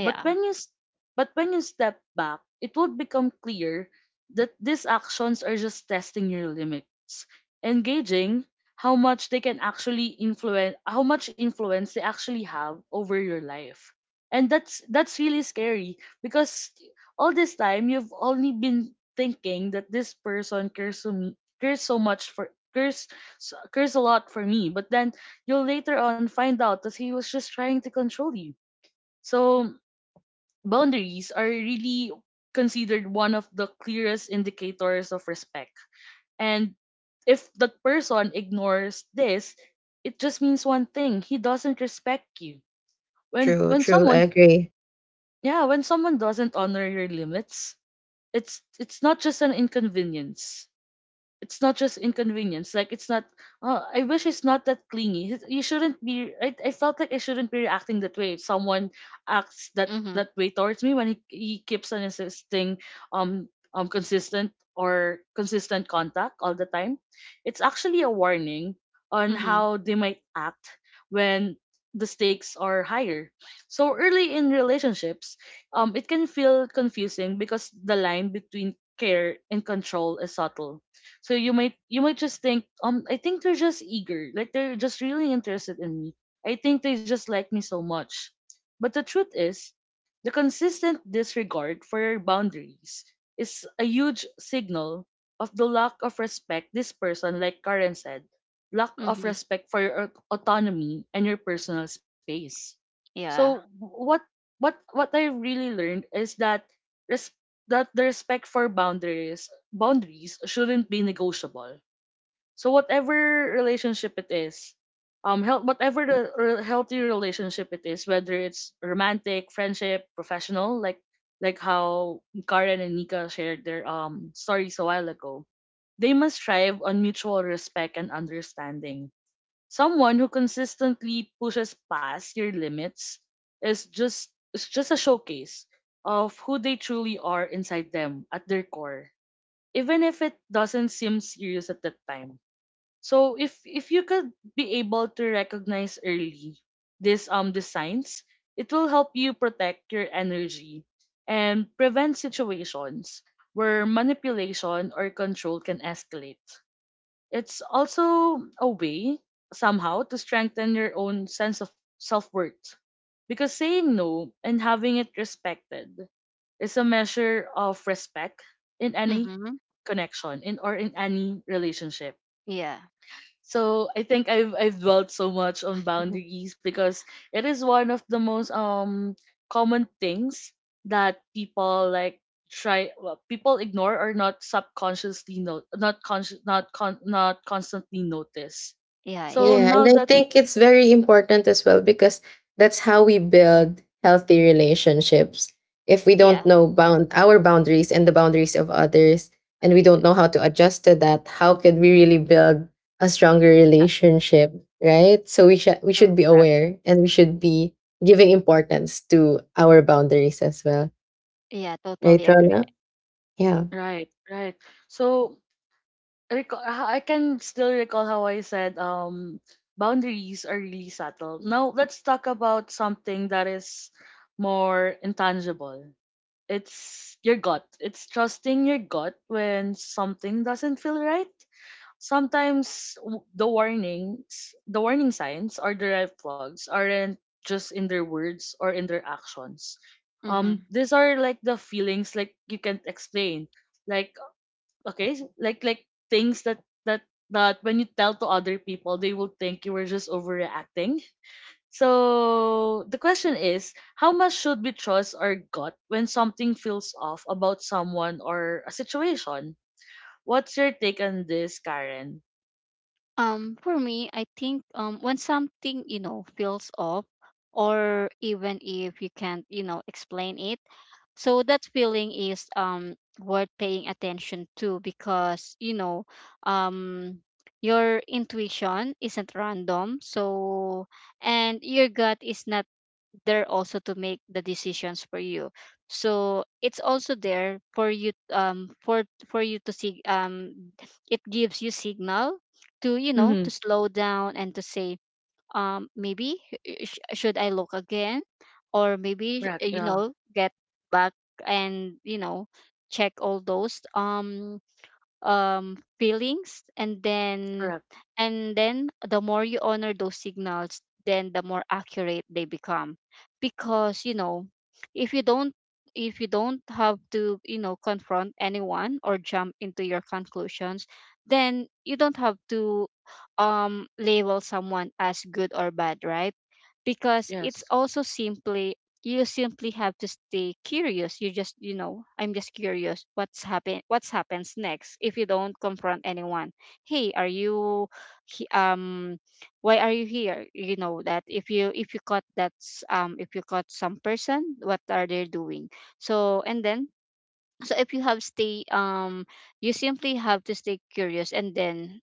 But when you s- but when you step back, it will become clear that these actions are just testing your limits, engaging how much they can actually influence, how much influence they actually have over your life. And that's that's really scary because all this time you've only been thinking that this person cares so me cares so much for cares so- cares a lot for me, but then you'll later on find out that he was just trying to control you. So boundaries are really considered one of the clearest indicators of respect, and if that person ignores this, it just means one thing: he doesn't respect you. When
True,
when
true. I
someone
agree.
Yeah, when someone doesn't honor your limits, it's it's not just an inconvenience, it's not just inconvenience. Like, it's not. Oh, I wish it's not that clingy. It- you shouldn't be. I, I felt like I shouldn't be reacting that way. If someone acts that
Mhm.
that way towards me, when he he keeps on insisting um um consistent or consistent contact all the time, it's actually a warning on
Mhm.
how they might act when the stakes are higher. So early in relationships, um, it can feel confusing because the line between care and control is subtle. So you might you might just think, um, I think they're just eager, like they're just really interested in me. I think they just like me so much. But the truth is, the consistent disregard for your boundaries is a huge signal of the lack of respect this person, like Karen said, lack of
Mhm.
respect for your au- autonomy and your personal space. So
Yeah.
what what what I really learned is that res- that the respect for boundaries, boundaries shouldn't be negotiable. So whatever relationship it is, um, health whatever the re- healthy relationship it is, whether it's romantic, friendship, professional, like like how Karen and Nika shared their um stories a while ago, they must strive on mutual respect and understanding. Someone who consistently pushes past your limits is just is just a showcase of who they truly are inside them at their core, even if it doesn't seem serious at that time. So if if you could be able to recognize early this um the signs, it will help you protect your energy and prevent situations where manipulation or control can escalate. It's also a way, somehow, to strengthen your own sense of self worth. Because saying no and having it respected is a measure of respect in any
Mhm.
connection in or in any relationship.
Yeah.
So I think I've I've dwelt so much on
Mhm.
boundaries because it is one of the most um common things that people like try well, people ignore or not subconsciously note not conscious not con- not constantly notice.
Yeah,
So
yeah.
Yeah, and
now
I
that
think it's very important as well, because that's how we build healthy relationships. If we don't
Yeah.
know bound our boundaries and the boundaries of others, and we don't
I-.
know how to adjust to that, how can we really build a stronger
I-.
relationship, right? So
True,
we should we should
true.
be
correct,
aware and we should be giving importance to our boundaries as well,
Yeah, totally
right,
agree.
Rona? Yeah.
right, right, so recall, I can still recall how I said um boundaries are really subtle. Now let's talk about something that is more intangible, it's your gut. It's trusting your gut when something doesn't feel right. Sometimes w- the warnings, the warning signs or the red flags aren't just in their words or in their actions. Um,
Mhm.
these are like the feelings like you can't explain. Like okay, s- like like things that that that when you tell to other people, they will think you were just overreacting, so the question is, how much should we trust our gut when something feels off about someone or a situation? What's your take on this, Karen?
Um, for me, I think um, when something you know feels off, or even if you can't you know explain it, so that feeling is um worth paying attention to. Because you know um your intuition isn't random. So and your gut is not there also to make the decisions for you, so it's also there for you um for for you to see um it gives you signal to you know
Mm-hmm.
to slow down and to say um maybe eh, sh- should I look again, or maybe
Correct.
eh, you
Yeah.
know get back and you know check all those um um feelings. And then
Correct.
and then the more you honor those signals, then the more accurate they become. Because you know if you don't if you don't have to you know confront anyone or jump into your conclusions, then you don't have to um label someone as good or bad, right? Because it's
Yes.
also simply you simply have to stay curious. You just you know I'm just curious what's happen what's happens next if you don't confront anyone. Hey are you he- um why are you here, you know, that if you if you caught that's um if you caught some person what are they doing. So and then so if you have stay um you simply have to stay curious. And then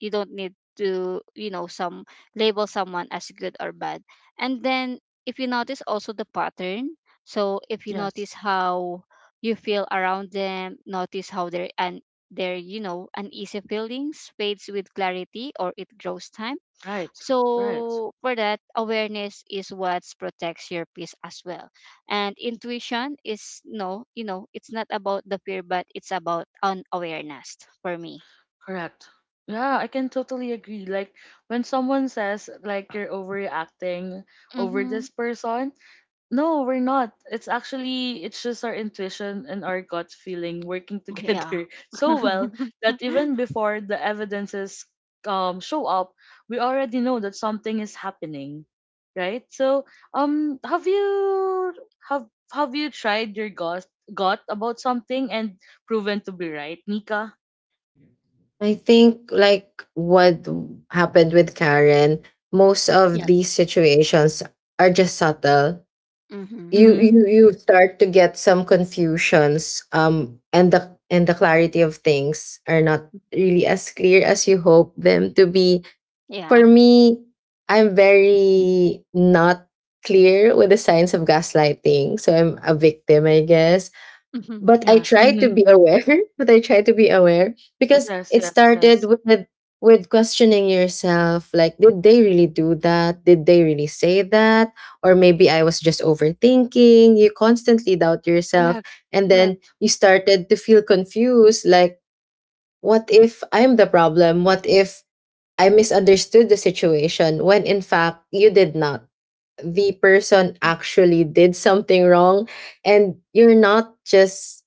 you don't need to you know some label someone as good or bad. And then if you notice also the pattern, so if you
Yes.
notice how you feel around them, notice how their and their you know uneasy feelings fades with clarity or it grows time.
Right. Right.
So for that awareness is what protects your peace as well. And intuition is no you know it's not about the fear, but it's about an awareness for me.
Correct. Yeah, I can totally agree. Like when someone says like you're overreacting over
Mm-hmm.
this person, no, we're not. It's actually it's just our intuition and our gut feeling working
Oh, yeah.
together so well that even before the evidences um show up, we already know that something is happening, right? So, um, have you have have you tried your gut gut about something and proven to be right, Nika?
I think like what happened with Karen, most of
Yes.
these situations are just subtle.
Mhm.
You
Mhm.
you you start to get some confusions um and the and the clarity of things are not really as clear as you hope them to be.
Yeah.
For me, I'm very not clear with the signs of gaslighting. So I'm a victim, I guess,
Mhm.
but I
Yes.
try to
Mhm.
be aware. But I try to be aware because
Yes,
it
yes,
started
yes.
with with questioning yourself, like did they really do that, did they really say that, or maybe I was just overthinking. You constantly doubt yourself,
Correct.
and then
Correct.
you started to feel confused, like what if I'm the problem, what if I misunderstood the situation, when in fact you did not. The person
Yes.
actually did something wrong, and you're not just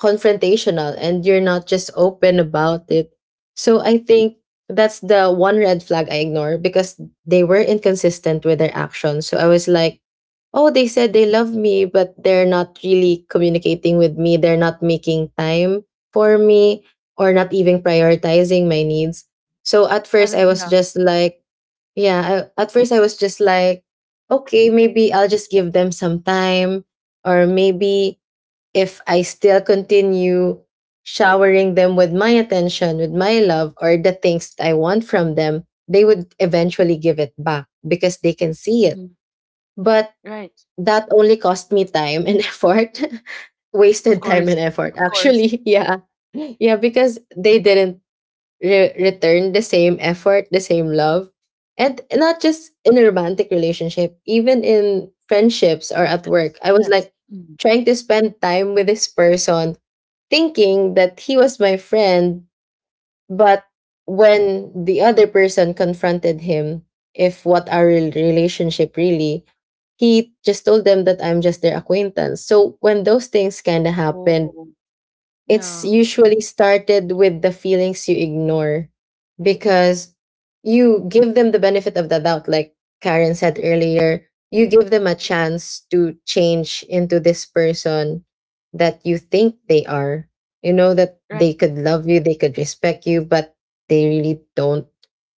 confrontational and you're not just open about it. So I think that's the one red flag I ignore, because they were inconsistent with their actions. So I was like, oh, they said they love me, but they're not really communicating with me. They're not making time for me or not even prioritizing my needs. So at
That
first I
is-
was
Yeah.
just like, yeah, I, at first I was just like, okay, maybe I'll just give them some time, or maybe if I still continue showering them with my attention, with my love, or the things that I want from them, they would eventually give it back because they can see it.
Mm-hmm.
But
Right.
that only cost me time and effort,
Of
wasted time
course,
and effort,
of course,
actually. Yeah. Yeah, because they didn't re- return the same effort, the same love. And not just in a romantic relationship, even in friendships or at
friendships.
work, I was like,
Yes. Mm.
trying to spend time with this person, thinking that he was my friend. But when the other person confronted him, if what our rel- relationship really, he just told them that I'm just their acquaintance. So when those things kind of happened,
Oh,
it's
yeah.
usually started with the feelings you ignore, because you give them the benefit of the doubt, like Karen said earlier. You give them a chance to change into this person that you think they are. You know that
Right.
they could love you, they could respect you, but they really don't,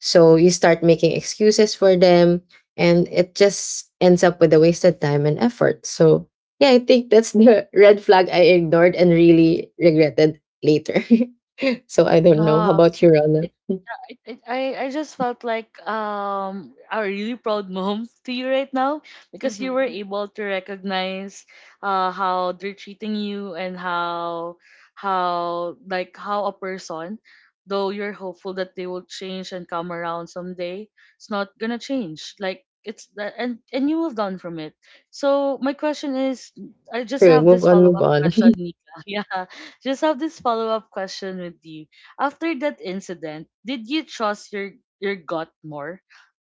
so you start making excuses for them, and it just ends up with a wasted time and effort. So yeah, I think that's the red flag I ignored and really regretted later. So I don't know. How
Yeah.
about you, Rana?
I, I I just felt like um a really proud mom to you right now because you were
Mhm.
able to recognize uh how they're treating you and how how like how a person though you're hopeful that they will change and come around someday, it's not gonna change, like it's that, and and you moved on from it, so my question is, I just
True.
have
Move
this
on,
follow
move
up
on.
question, Nika. Yeah, just have this follow up question with you, after that incident, did you trust your your gut more?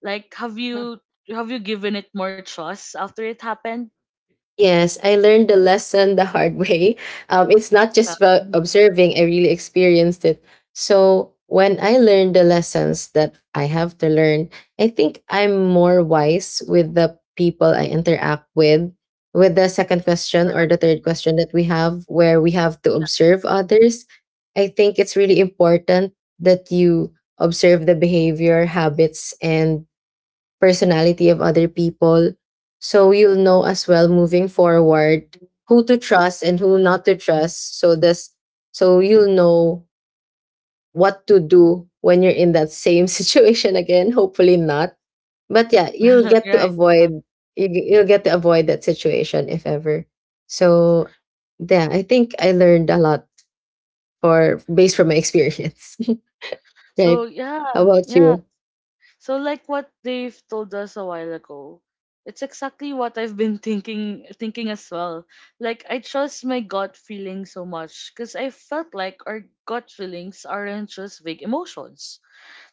Like have you have you given it more trust after it happened?
Yes, I learned the lesson the hard way. Um, it's not
Yeah.
just about
Mhm.
observing, I really experienced it. So, when I learned the lessons that I have to learn, I think I'm more wise with the people I interact with. With the second question or
Correct.
the third question that we have, where we have to
Yes.
observe others, I think it's really important that you observe the behavior, habits, and personality of other people. So you'll know as well moving forward who to trust and who not to trust. So this, so you'll know what to do when you're in that same situation again. Hopefully not. But yeah, you'll get to
Right. Yeah.
avoid, you, you'll get to avoid that situation if ever. So yeah, I think I learned a lot for based
Yeah.
from my experience.
So
Right.
yeah,
How about
yeah.
you?
So like what they've told us a while ago, it's exactly what I've been thinking thinking as well. Like I trust my gut feeling so much because I felt like our gut feelings aren't just vague emotions.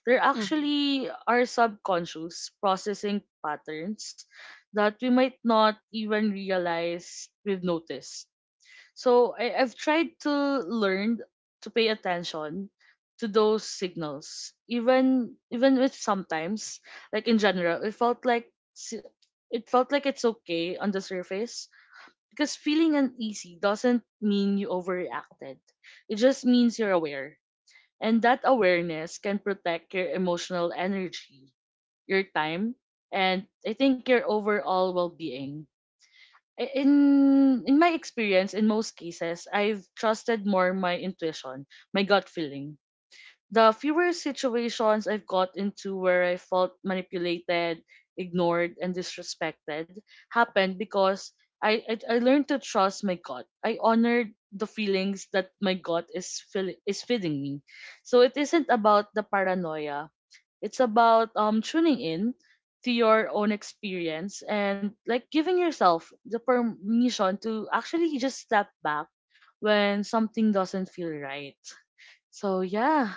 There
Mhm. Mhm.
actually are subconscious processing patterns that we might not even realize we've noticed. So I, I've tried to learn to pay attention to those signals, even even if sometimes, like in general, it felt like s- it felt like it's okay on the surface because feeling uneasy doesn't mean you overreacted. It just means you're aware. And that awareness can protect your emotional energy, your time, and I think your overall well-being. I- In in my experience, in most cases, I've trusted more my intuition, my gut feeling, the fewer situations I've got into where I felt manipulated, ignored, and disrespected happened because I, I, I learned to trust my gut. I honored the feelings that my gut is feel, is feeding me. So it isn't about the paranoia. It's about um tuning in to your own experience and like giving yourself the permission to actually just step back when something doesn't feel right. So yeah,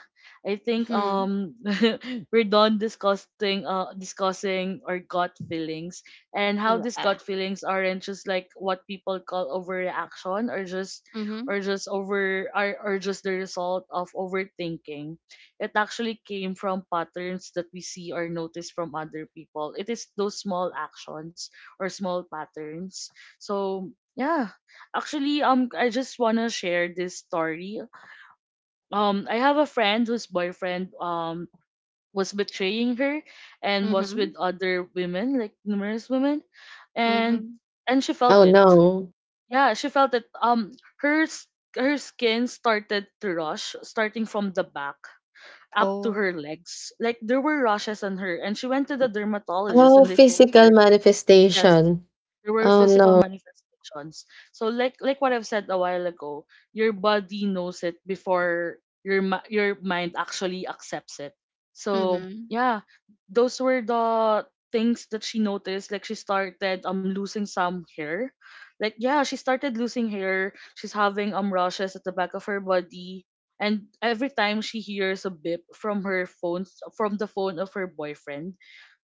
I think um we're done discussing uh discussing our gut feelings and how these
Yeah.
gut feelings aren't just like what people call overreaction or just
Mhm.
or just over or, or just the result of overthinking. It actually came from patterns that we see or notice from other people. It is those small actions or small patterns. So yeah, actually um I just want to share this story, um, I have a friend whose boyfriend um was betraying her and was
Mhm.
with other women, like numerous women, and
Mhm.
and she
Oh
felt it.
no.
Yeah, she felt it. Um, her s- her skin started to rush, starting from the back up to
Oh.
her legs. Like there were rashes on her, and she went to the dermatologist,
Oh,
and they told
physical
her yes,
manifestation.
there were
Oh
physical
no.
Oh.
manifestations. So like like what I've said a while ago, your body knows it before your mi- your mind actually accepts it. So
Mhm.
yeah, those were the things that she noticed. Like she started um losing some hair. Like yeah, she started losing hair. She's having um rashes at the back of her body. And every time she hears a beep from her phone, from the phone of her boyfriend,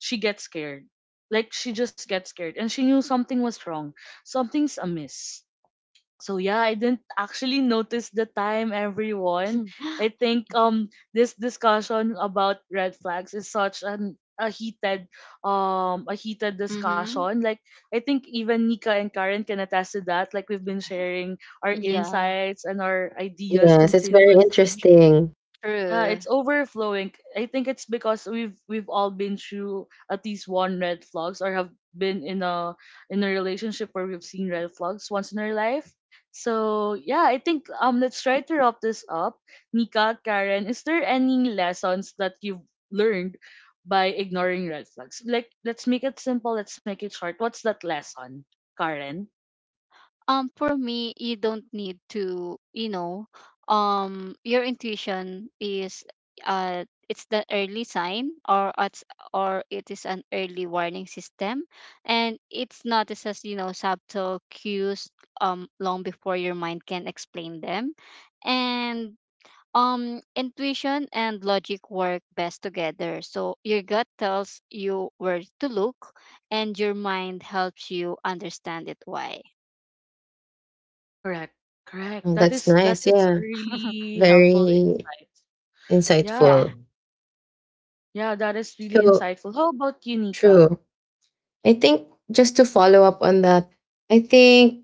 she gets scared, like she just gets scared, and she knew something was wrong, something's amiss. So yeah, I didn't actually notice the time everyone.
Mhm.
I think um this discussion about red flags is such an a heated um a heated discussion, like I think even Nika and Karen can attest to that, like we've been sharing our
Yeah.
insights and our ideas
Yes, it's very
continuously.
interesting.
Yeah,
True.
it's overflowing. I think it's because we've we've all been through at least one red flags or have been in a in a relationship where we've seen red flags once in our life. So yeah, I think um let's try to wrap this up. Nika, Karen, is there any lessons that you've learned by ignoring red flags? Like let's make it simple, let's make it short. What's that lesson, Karen?
Um, for me, you don't need to, you know, um, your intuition is, uh, it's the early sign, or it's or it is an early warning system, and it's notices, you know, subtle cues, um, long before your mind can explain them. And um, intuition and logic work best together. So your gut tells you where to look, and your mind helps you understand it. Why?
Correct. Correct.
Oh,
That
that's
is that
nice.
is
Yeah.
a really helpful
Very
insight. Yeah.
Yeah.
insightful.
Yeah, that is really
So
insightful. How about you, Nika?
true. I think just to follow up on that, I think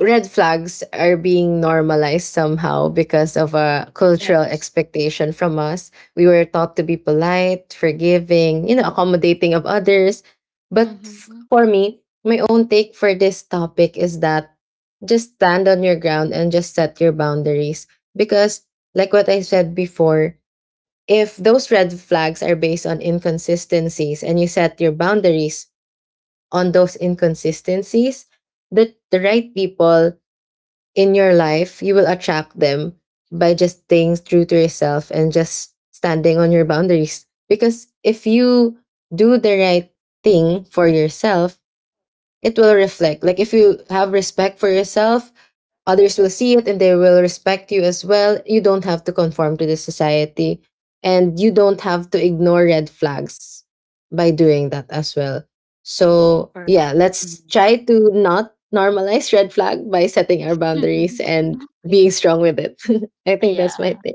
red flags are being normalized somehow because of a cultural
Yes,
expectation from us. We were taught to be polite, forgiving, you know, accommodating of others. But f-
Mhm.
for me, my own take for this topic is that just stand on your ground and just set your boundaries. Because, like what I said before, if those red flags are based on inconsistencies and you set your boundaries on those inconsistencies, the, the right people in your life, you will attract them by just staying true to yourself and just standing on your boundaries. Because if you do the right thing for yourself, it will reflect. Like if you have respect for yourself, others will see it and they will respect you as well. You don't have to conform to the society, and you don't have to ignore red flags by doing that as well. So,
correct.
yeah, let's
Mhm.
try to not normalize red flag by setting our boundaries and being strong with it. I think
Yeah.
that's my thing.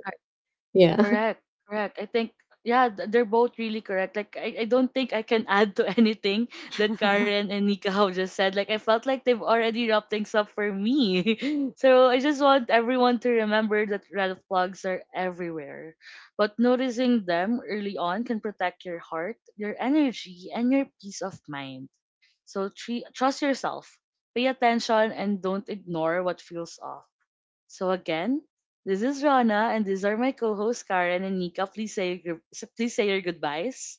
Yeah.
Correct, correct. I think yeah, th- they're both really correct. Like I, I don't think I can add to anything that Karen and Nikau just said. Like I felt like they've already wrapped things up for me. So I just want everyone to remember that red flags are everywhere. But noticing them early on can protect your heart, your energy, and your peace of mind. So tre- trust yourself. Pay attention and don't ignore what feels off. So again, this is Rana, and these are my co-hosts Karen and Nika. Please say your, please say your goodbyes,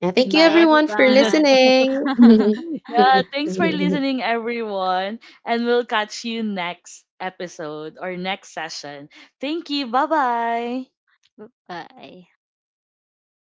And thank you
Goodbye,
Nika.
everyone for
everyone.
listening.
Yeah, thanks for listening, everyone, and we'll catch you next episode or next session. Thank you. Bye bye.
Goodbye.